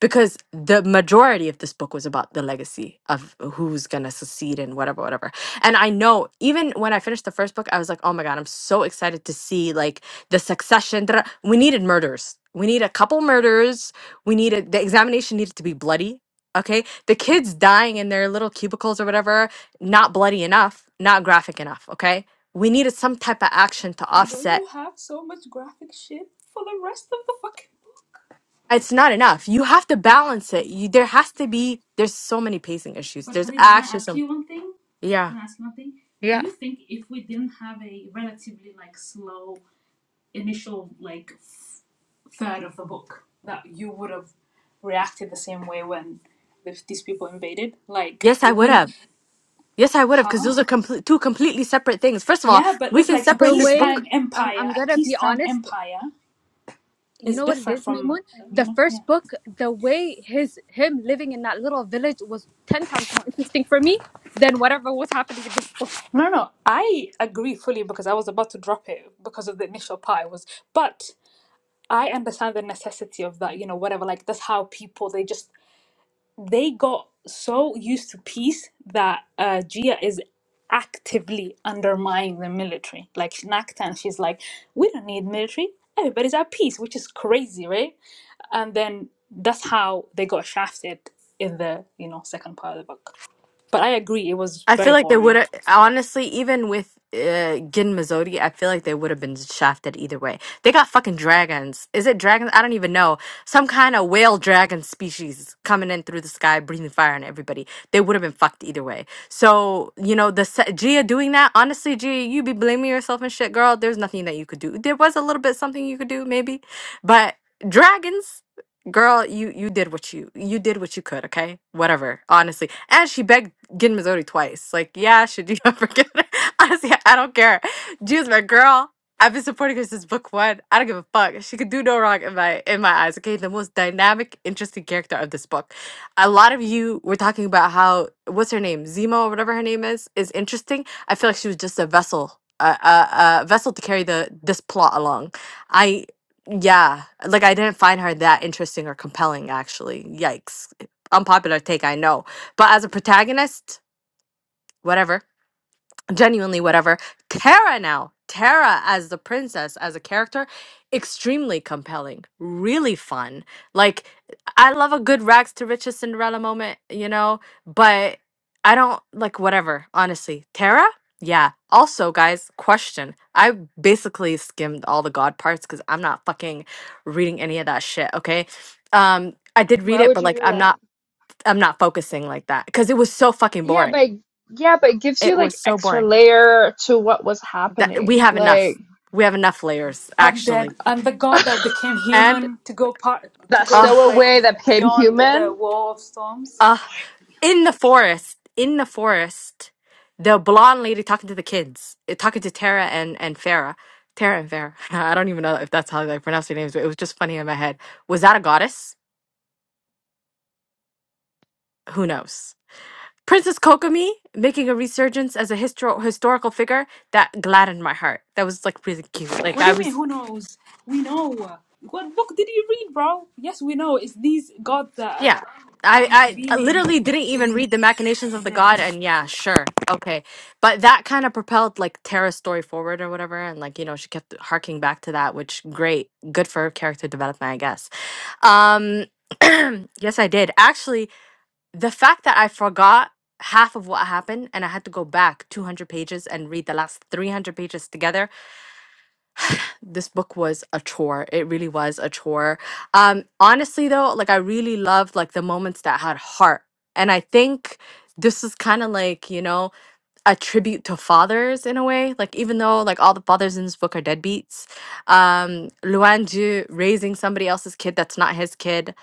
because the majority of this book was about the legacy of who's gonna succeed and whatever, whatever. And I know even when I finished the first book, I was like, oh my god, I'm so excited to see like the succession. da- da- We needed murders. We need a couple murders. We needed the examination needed to be bloody. Okay, the kids dying in their little cubicles or whatever, not bloody enough, not graphic enough. Okay, we needed some type of action to Don't offset you have so much graphic shit for the rest of the fucking it's not enough. You have to balance it. You there has to be there's so many pacing issues. But There's Khadija, can I actually ask some you one thing? yeah. Can I ask you one thing? Do Yeah. you think if we didn't have a relatively like slow initial like third of the book, that you would have reacted the same way when if these people invaded? Like, Yes, I would wouldn't? have. Yes, I would have because Huh? those are complete two completely separate things. First of all, Yeah, but we it's can like a the separate this way book. peacetime um, empire. I'm A gonna be peacetime honest, empire you is know what it different is, Maymoon? from uh, The you know. Yeah. first book, the way his him living in that little village was ten times more interesting for me than whatever was happening in this book. No, no, I agree fully because I was about to drop it because of the initial part. It was, but I understand the necessity of that, you know, whatever. Like that's how people they just they got so used to peace that uh Gia is actively undermining the military. Like Naktan, she's like, We don't need military, everybody's at peace, which is crazy, right? And then that's how they got shafted in the, you know, second part of the book. But I agree, it was I feel very like they would boring. have honestly, even with uh, Gin Mazzotti, I feel like they would have been shafted either way. They got fucking dragons. Is it dragons? I don't even know. Some kind of whale dragon species coming in through the sky, breathing fire on everybody. They would have been fucked either way. So you know, the se- Gia doing that. Honestly, Gia, you be blaming yourself and shit, girl. There's nothing that you could do. There was a little bit something you could do, maybe, but dragons girl you you did what you you did what you could okay whatever honestly and she begged Gin Missouri twice. Like, yeah, should you ever get it? Honestly, I don't care. June's my girl. I've been supporting her since book one. I don't give a fuck. She could do no wrong in my in my eyes. Okay, the most dynamic, interesting character of this book. A lot of you were talking about how what's her name, Zemo or whatever her name is, is interesting. I feel like she was just a vessel, a a, a vessel to carry the this plot along. I yeah, like I didn't find her that interesting or compelling. Actually, yikes. Unpopular take, I know but as a protagonist, whatever, genuinely whatever. Tara now, Tara as the princess, as a character, extremely compelling, really fun. Like, I love a good rags to riches Cinderella moment, you know, but I don't like whatever, honestly. Tara? Yeah. Also, guys, question. I basically skimmed all the god parts because I'm not fucking reading any of that shit, okay? Um, I did read Why it, would but you like do I'm that? not I'm not focusing like that because it was so fucking Yeah, boring. but yeah, but it gives you It was like so extra boring. layer to what was That we happening. have enough. Like We have enough layers, I'm dead. actually. I'm the god that became And human to go part to that go uh like stowaway that became beyond the human. wall of storms. uh in the forest, in the forest, the blonde lady talking to the kids, eh, talking to Tara and and Farah. Tara and Farah. I don't even know if that's how I pronounce their names, but it was just funny in my head. Was that a goddess? Who knows? Princess Kokomi making a resurgence as a histor- historical figure that gladdened my heart. That was like really cute. Like What do I you mean? was Who knows? We know. What book did you read, bro? Yes, we know. It's these God that Yeah. uh, are I, I intervening literally didn't even in read the machinations of the that. god and yeah, sure. Okay. But that kind of propelled like Tara's story forward or whatever and like, you know, she kept harking back to that, which great. Good for character development, I guess. Um yes, I did. Actually, the fact that I forgot half of what happened and I had to go back 200 pages and read the last 300 pages together this book was a chore. It really was a chore. Um, honestly, though, like I really loved like the moments that had heart, and I think this is kind of like you know a tribute to fathers in a way. Like even though like all the fathers in this book are deadbeats, um, Luan Ju raising somebody else's kid that's not his kid,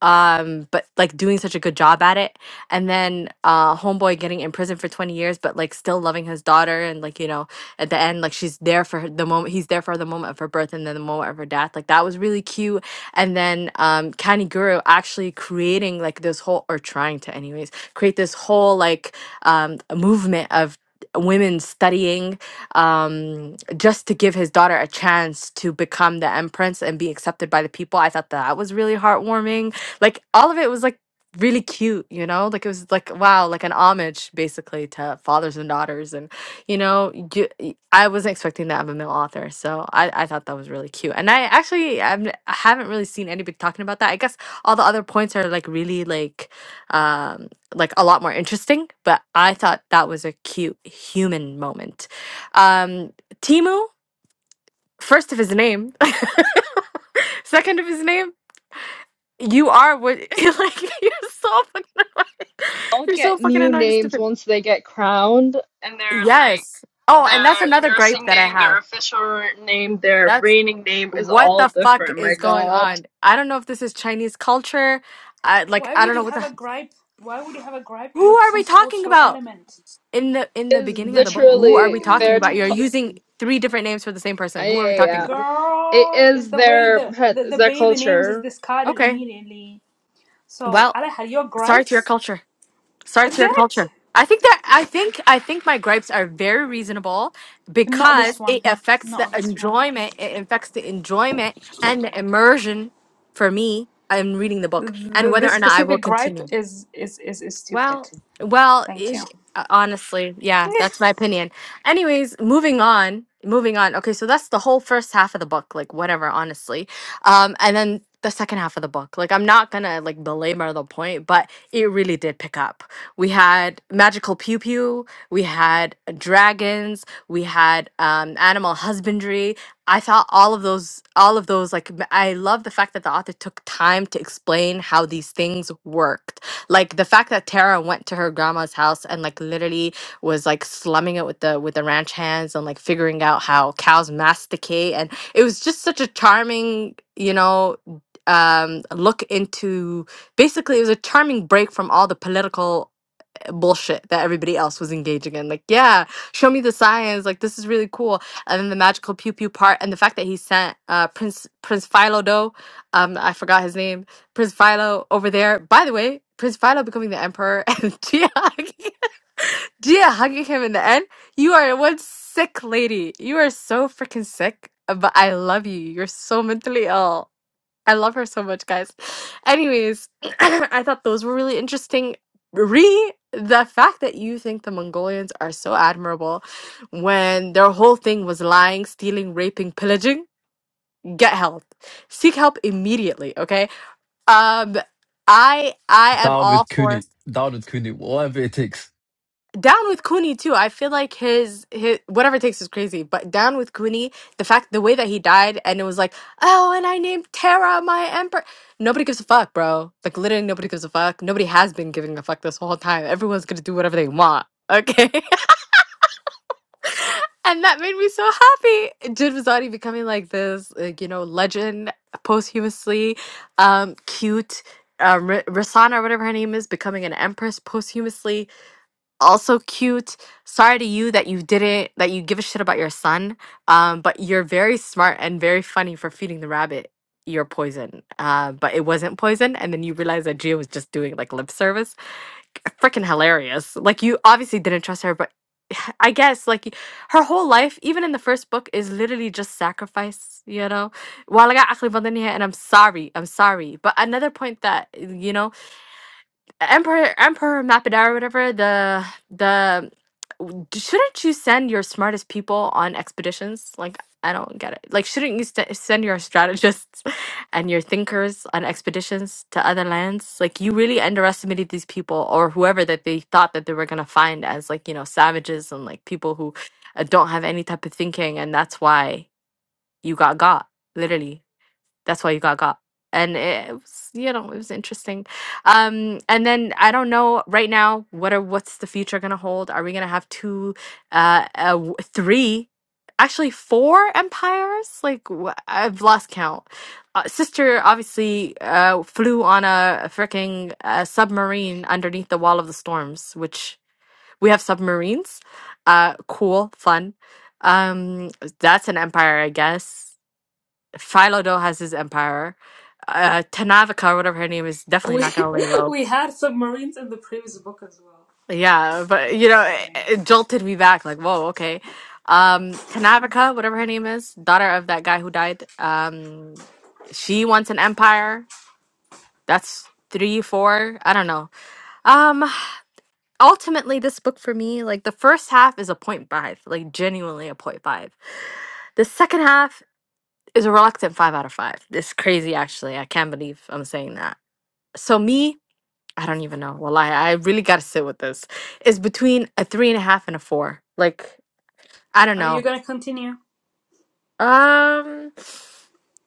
um but like doing such a good job at it and then uh homeboy getting in prison for 20 years but like still loving his daughter and like you know at the end like she's there for her, the moment he's there for the moment of her birth and then the moment of her death like that was really cute and then um kaniguru actually creating like this whole or trying to anyways create this whole like um movement of women studying um just to give his daughter a chance to become the empress and be accepted by the people i thought that was really heartwarming like all of it was like really cute, you know? Like it was like wow, like an homage basically to fathers and daughters and you know, you, y- I wasn't expecting that of a male author. So I I thought that was really cute. And I actually I've, n- I haven't really seen anybody talking about that. I guess all the other points are like really like um like a lot more interesting, but I thought that was a cute human moment. Um Timu, first of his name, second of his name you are what you're like you're so fucking annoying. All You're so get fucking new annoying, names stupid. once they get crowned, and they're like Yes. Oh, and that's their another gripe nursing that I name, their have. official name, their That's reigning name is what all the fuck different. My is going God, on. I don't know if this is Chinese culture. I like Why I would don't he know what have the a gripe? Why would he have a gripe who with are we some talking cultural about element? in the in the is beginning of the book? Who are literally we talking their. about? To- You're Oh, using three different names for the same yeah, person. Who are we yeah, talking yeah. about? It girl, is is the way their the, the is the their baby names is culture. discarded Okay. immediately. So, Well, Aleha, your sorry to your gripes culture. Sorry is to your that culture. I think that I think I think my gripes are very reasonable not this because it one, affects the not this one. enjoyment. It affects the enjoyment and the immersion for me. I'm reading the book and Th whether this or not I will specific gripe continue. is is is is Well, stupid. well, Thank you. is- uh, honestly, yeah, that's my opinion. Anyways, moving on, moving on. Okay, so that's the whole first half of the book, like whatever, honestly. Um, and then the second half of the book, like I'm not gonna like belabor the point, but it really did pick up. We had magical pew pew, we had dragons, we had um animal husbandry. I thought all of those, all of those, like m- I love the fact that the author took time to explain how these things worked like the fact that Tara went to her grandma's house and like literally was like slumming it with the with the ranch hands and like figuring out how cows masticate and it was just such a charming, you know, um look into basically it was a charming break from all the political bullshit that everybody else was engaging in. Like, yeah, show me the science. Like, this is really cool. And then the magical pew pew part, and the fact that he sent uh, Prince Prince Philo though, um, I forgot his name, Prince Philo over there. By the way, Prince Philo becoming the emperor and Gia hugging, Gia hugging him in the end. You are one sick lady. You are so freaking sick. But I love you. You're so mentally ill. I love her so much, guys. Anyways, I thought those were really interesting. Re the fact that you think the Mongolians are so admirable when their whole thing was lying, stealing, raping, pillaging, get help. Seek help immediately, okay? Um I I am Down all with for Cooney. Down with Cooney. Whatever it takes. Down with Cooney too. I feel like his his whatever it takes is crazy, but down with Cooney, the fact the way that he died and it was like, oh, and I named Terra my emperor. Nobody gives a fuck, bro. Like literally nobody gives a fuck. Nobody has been giving a fuck this whole time. Everyone's gonna do whatever they want. Okay. and that made me so happy. Jin Vazati becoming like this, like, you know, legend posthumously, um, cute. Um, R- Rasana, or whatever her name is, becoming an empress posthumously also cute. Sorry to you that you didn't that you give a shit about your son. Um, but you're very smart and very funny for feeding the rabbit your poison. Uh, but it wasn't poison, and then you realized that Gia was just doing like lip service. Freaking hilarious! Like you obviously didn't trust her, but I I guess like her whole life, even in the first book, is literally just sacrifice. You know, Wala nga akli bandaniya, and I'm sorry, I'm sorry. But another point that you know Emperor Emperor Mappadar or whatever the the w- d- shouldn't you send your smartest people on expeditions? Like I don't get it. Like shouldn't you st- send your strategists and your thinkers on expeditions to other lands? Like you really underestimated these people or whoever that they thought that they were gonna find as like you know savages and like people who uh, don't have any type of thinking, and that's why you got got literally that's why you got got and it was you know it was interesting um and then i don't know right now what are what's the future gonna hold are we gonna have two uh, uh w- three actually four empires like wh- i've lost count uh, sister obviously uh flew on a freaking uh, submarine underneath the wall of the storms which we have submarines uh cool fun um that's an empire i guess Philo has his empire. Uh, Tanavika, whatever her name is, definitely We not gonna lay low. we had submarines in the previous book as well. Yeah, but you know, it, it jolted me back. Like, whoa, okay. Um, Tanavika, whatever her name is, daughter of that guy who died. Um, she wants an empire. That's three, four. I don't know. Um, ultimately, this book for me, like the first half is a point five, like genuinely a point five. The second half is a reluctant five out of five. It's crazy, actually. I can't believe I'm saying that so me, I don't even know. Well, I I really gotta sit with this. It's between a three and a half and a four. Like I don't Are you know. gonna continue? Um,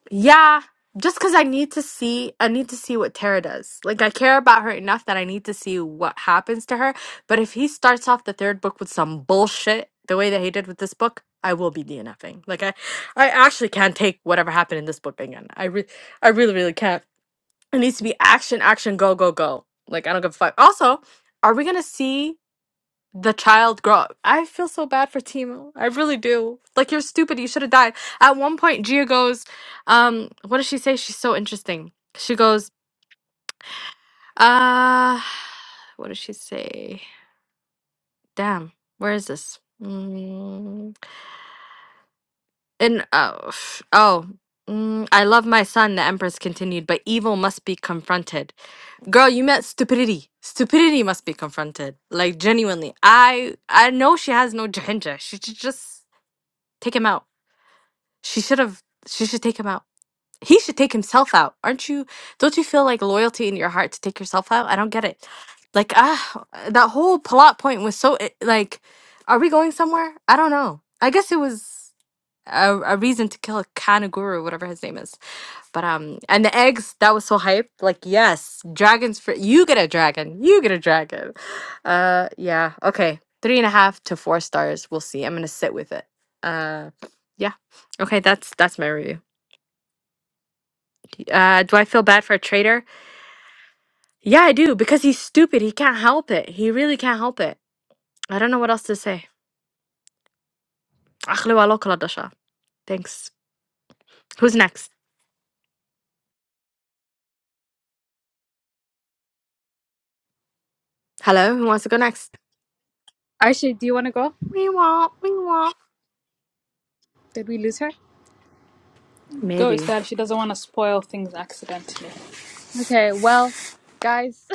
yeah, just because I need to see, I need to see what Tara does. Like I care about her enough that I need to see what happens to her. But if he starts off the third book with some bullshit, the way that he did with this book. I will be DNFing. Like I, I actually can't take whatever happened in this book again. I re- I really, really can't. It needs to be action, action, go, go, go. Like I don't give a fuck. Also, are we gonna see the child grow up? I feel so bad for Timo. I really do. Like you're stupid. You should have died. At one point, Gia goes, um, what does she say? She's so interesting. She goes, uh what does she say? Damn, where is this? Mm, and oh, oh, mm, I love my son, the Empress continued, but evil must be confronted. girl you met stupidity stupidity must be confronted like genuinely i i know she has no ginger she should just take him out she should have she should take him out he should take himself out aren't you don't you feel like loyalty in your heart to take yourself out i don't get it like ah that whole plot point was so i- like are we going somewhere i don't know i guess it was a, a reason to kill a kanaguru whatever his name is but um, and the eggs that was so hyped. Like yes, dragons for you get a dragon, you get a dragon. Uh, yeah, okay, three and a half to four stars. We'll see. I'm gonna sit with it. Uh, yeah, okay, that's that's my review. Uh, do I feel bad for a traitor? Yeah, I do because he's stupid. He can't help it. He really can't help it. I don't know what else to say. أخلو على كل دشا. Thanks. Who's next? Hello, who wants to go next? Aisha, do you wanna go? We want, we want. Did we lose her? Go, Maybe. Estelle. She doesn't want to spoil things accidentally. Okay, well, guys.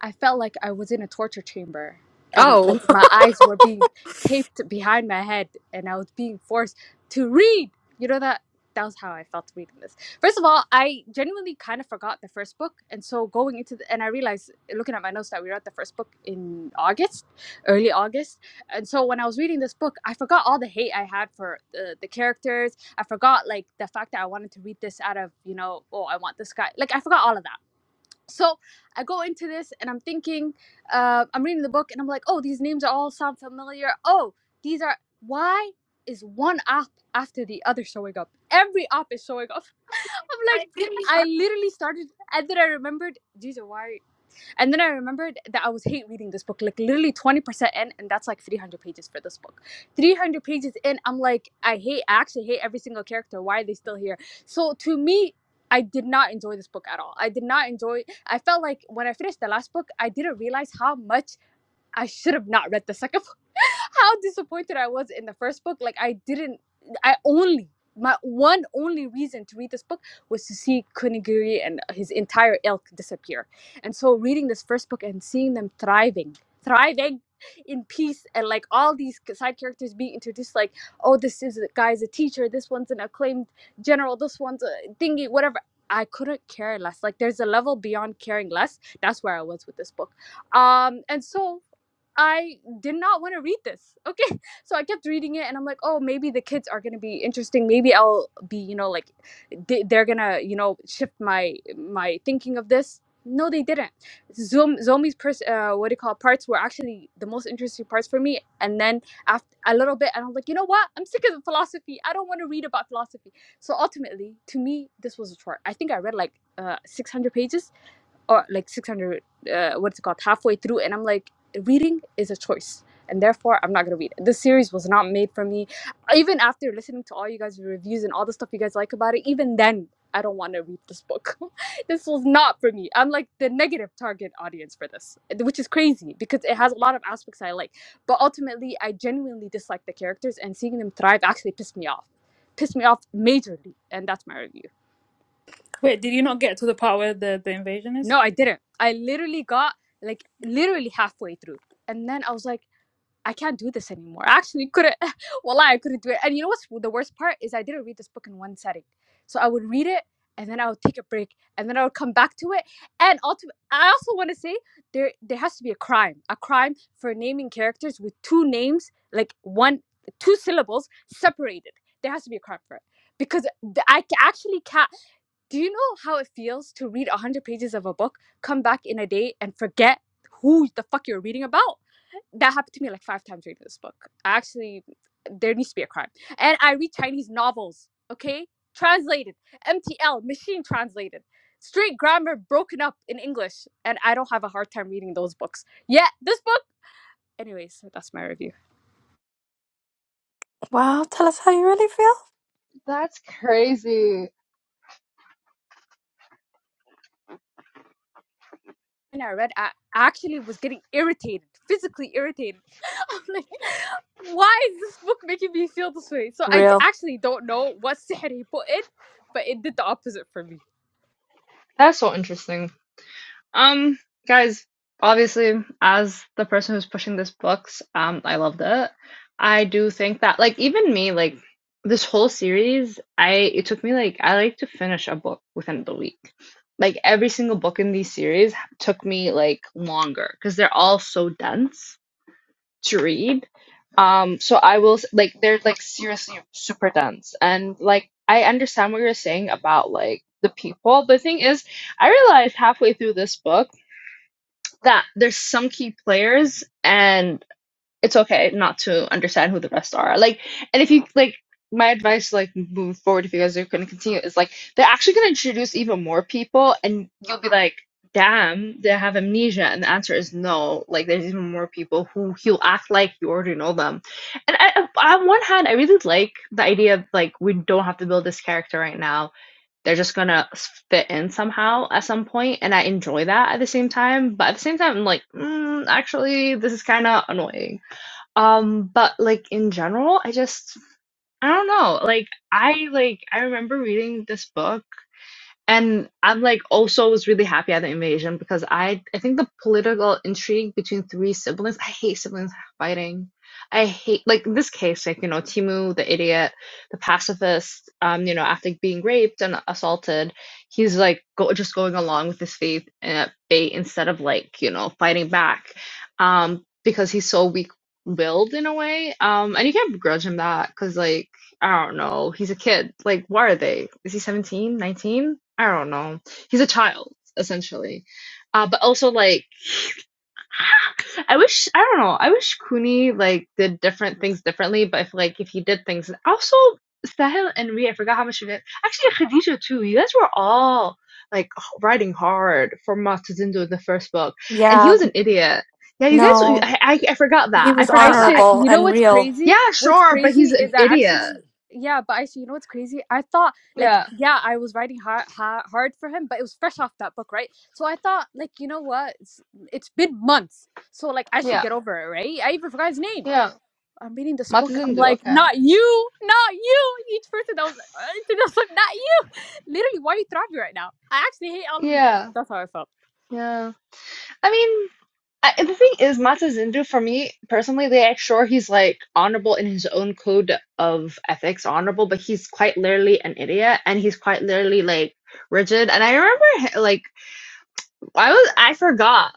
I felt like I was in a torture chamber and Oh. like my eyes were being taped behind my head and I was being forced to read. You know that that was how I felt reading this. First of all, I genuinely kind of forgot the first book and so going into the, and I realized looking at my notes that we read the first book in August, early August. And so when I was reading this book, I forgot all the hate I had for the, the characters. I forgot like the fact that I wanted to read this out of, you know, oh, I want this guy. Like I forgot all of that so I go into this and I'm thinking, uh, I'm reading the book and I'm like, oh, these names are all sound familiar. Oh, these are why is one app after the other showing up? Every app is showing up. I'm like, I literally started and then I remembered, Jesus, why? And then I remembered that I was hate reading this book, like literally 20% in, and that's like 300 pages for this book. 300 pages in, I'm like, I hate, I actually hate every single character. Why are they still here? So to me, I did not enjoy this book at all. I did not enjoy I felt like when I finished the last book, I didn't realize how much I should have not read the second book. How disappointed I was in the first book. Like I didn't I only my one only reason to read this book was to see Kunigiri and his entire ilk disappear. And so reading this first book and seeing them thriving, thriving in peace and like all these side characters being introduced like oh this is guy's a teacher this one's an acclaimed general this one's a thingy whatever i couldn't care less like there's a level beyond caring less that's where i was with this book um and so I did not want to read this. Okay. So I kept reading it and I'm like, oh, maybe the kids are going to be interesting. Maybe I'll be, you know, like they, they're going to, you know, shift my my thinking of this. No, they didn't. Zoom, Zomi's pers- uh, what do you call it, parts were actually the most interesting parts for me. And then after a little bit, and I'm like, you know what? I'm sick of philosophy. I don't want to read about philosophy. So ultimately, to me, this was a chore. I think I read like uh, 600 pages or like 600 uh, what's it called halfway through and i'm like reading is a choice and therefore i'm not going to read it. this series was not made for me even after listening to all you guys reviews and all the stuff you guys like about it even then i don't want to read this book this was not for me i'm like the negative target audience for this which is crazy because it has a lot of aspects i like but ultimately i genuinely dislike the characters and seeing them thrive actually pissed me off pissed me off majorly and that's my review Wait, did you not get to the part where the, the invasion is? No, I didn't. I literally got like literally halfway through. And then I was like, I can't do this anymore. I actually couldn't, wallah, I couldn't do it. And you know what's the worst part is I didn't read this book in one setting. So I would read it and then I would take a break and then I would come back to it. And ultimately, I also want to say there there has to be a crime, a crime for naming characters with two names, like one, two syllables separated. There has to be a crime for it because th- I ca- actually can't. Do you know how it feels to read 100 pages of a book, come back in a day, and forget who the fuck you're reading about? That happened to me like five times reading this book. Actually, there needs to be a crime. And I read Chinese novels, okay? Translated, MTL, machine translated, straight grammar broken up in English. And I don't have a hard time reading those books. Yet, this book, anyways, that's my review. Wow, tell us how you really feel. That's crazy. when I read, I actually was getting irritated, physically irritated. I'm like, why is this book making me feel this way? So I d- Real. actually don't know what sihr he put in, but it did the opposite for me. That's so interesting. Um, guys, obviously, as the person who's pushing this books, um, I loved it. I do think that, like, even me, like, this whole series, I it took me like I like to finish a book within the week. Like every single book in these series took me like longer because they're all so dense to read. Um, so I will s- like they're like seriously super dense and like I understand what you're saying about like the people. The thing is, I realized halfway through this book that there's some key players and it's okay not to understand who the rest are. Like, and if you like, my advice, like moving forward, if you guys are going to continue, is like they're actually going to introduce even more people, and you'll be like, damn, they have amnesia, and the answer is no. Like, there's even more people who he'll act like you already know them. And I, I- on one hand, I really like the idea of like we don't have to build this character right now. They're just gonna s- fit in somehow at some point, and I enjoy that at the same time. But at the same time, I'm like, mm, actually, this is kind of annoying um, but like in general, I just I don't know. Like I like I remember reading this book and I'm like also was really happy at the invasion because I I think the political intrigue between three siblings, I hate siblings fighting. I hate like in this case, like, you know, Timu, the idiot, the pacifist, um, you know, after being raped and assaulted, he's like go, just going along with his faith uh, fate instead of like, you know, fighting back. Um, because he's so weak willed in a way. Um, and you can't begrudge him that because like I don't know. He's a kid. Like, why are they? Is he 17, 19? I don't know. He's a child, essentially. Uh, but also, like, I wish, I don't know. I wish Cooney, like, did different things differently. But if, like, if he did things. and Also, Sahil and Rhea, I forgot how much of it. Actually, Khadija, too. You guys were all, like, h- riding hard for Matsuzindo in the first book. And he Yeah. was an idiot. Yeah, you guys, No, I, I, I forgot he that. I was forgot that. I, Actually, honorable you know and what's real. crazy? yeah, What's sure, but crazy he's an is I idiot. actually, yeah, but actually, you know what's crazy? I thought, like, Yeah, yeah, I was writing hard, hard, hard for him, but it was fresh off that book, right? So I thought, like, you know what? It's, it's been months. So, like, I should yeah, get over it, right? I even forgot his name. yeah. I'm reading this book. I'm Matsuzindu, like, okay. not you, not you. Each person that was, uh, that was like, not you. Literally, why are you throwing me right now? I actually hate all of you guys. Yeah, That's how I felt. yeah. I mean, I, the thing is, Matsuzindu, for me personally, they sure he's like honorable in his own code of ethics, honorable, but he's quite literally an idiot and he's quite literally like rigid. And I remember, h- like, I was, I forgot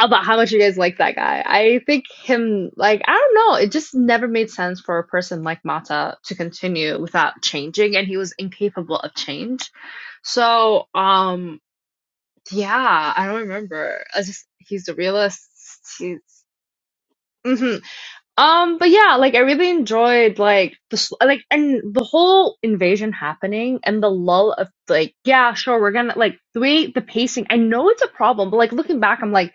about how much you guys like that guy. I think him, like, I don't know, it just never made sense for a person like Mata to continue without changing, and he was incapable of change. So, um, Yeah, I don't remember. I just he's the realist. He's hmm um, but yeah, like I really enjoyed like the s- like and the whole invasion happening and the lull of like yeah, sure, we're gonna like the way the pacing. I know it's a problem, but like looking back, I'm like,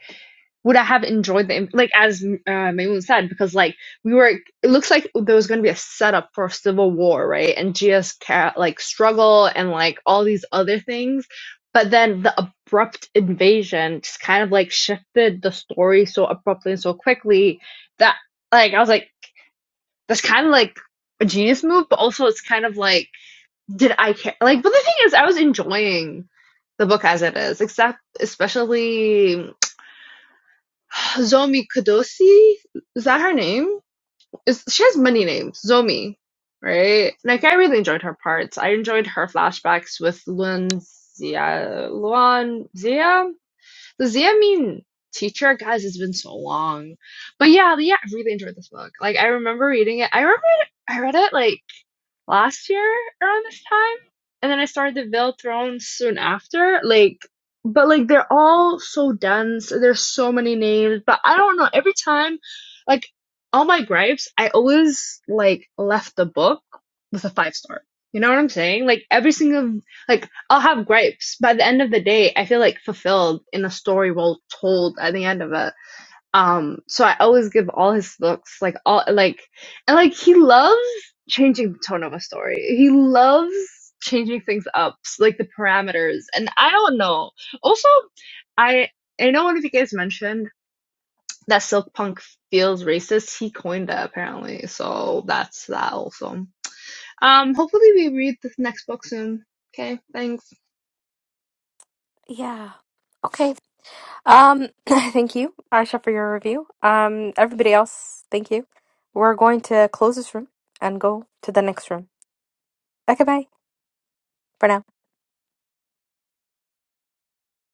would I have enjoyed the like as uh, Maymoon said because like we were it looks like there was gonna be a setup for a civil war, right? And Gia's ca- like struggle and like all these other things, but then the abrupt invasion just kind of like shifted the story so abruptly and so quickly that like I was like, that's kind of like a genius move, but also it's kind of like, did I care? Like, but the thing is, I was enjoying the book as it is, except especially Zomi Kudosi. Is that her name? Is she has many names? Zomi, right? Like, I really enjoyed her parts. I enjoyed her flashbacks with Luan Zia. Luan Zia. Does that mean teacher? Guys, it's been so long. But yeah, yeah, I really enjoyed this book. Like I remember reading it. I remember it, I read it like last year around this time, and then I started the Veil Throne soon after. Like, but like they're all so dense. There's so many names, but I don't know. Every time, like all my gripes, I always like left the book with a five star. You know what I'm saying? Like every single like I'll have gripes. By the end of the day, I feel like fulfilled in a story well told at the end of it um so i always give all his looks like all like and like he loves changing the tone of a story he loves changing things up s- like the parameters and i don't know also i i know one of you guys mentioned that silk punk feels racist he coined that apparently so that's that also um hopefully we read this next book soon okay thanks Yeah. Okay. Um, thank you, Aisha, for your review. Um, everybody else, thank you. We're going to close this room and go to the next room. Okay, bye for now.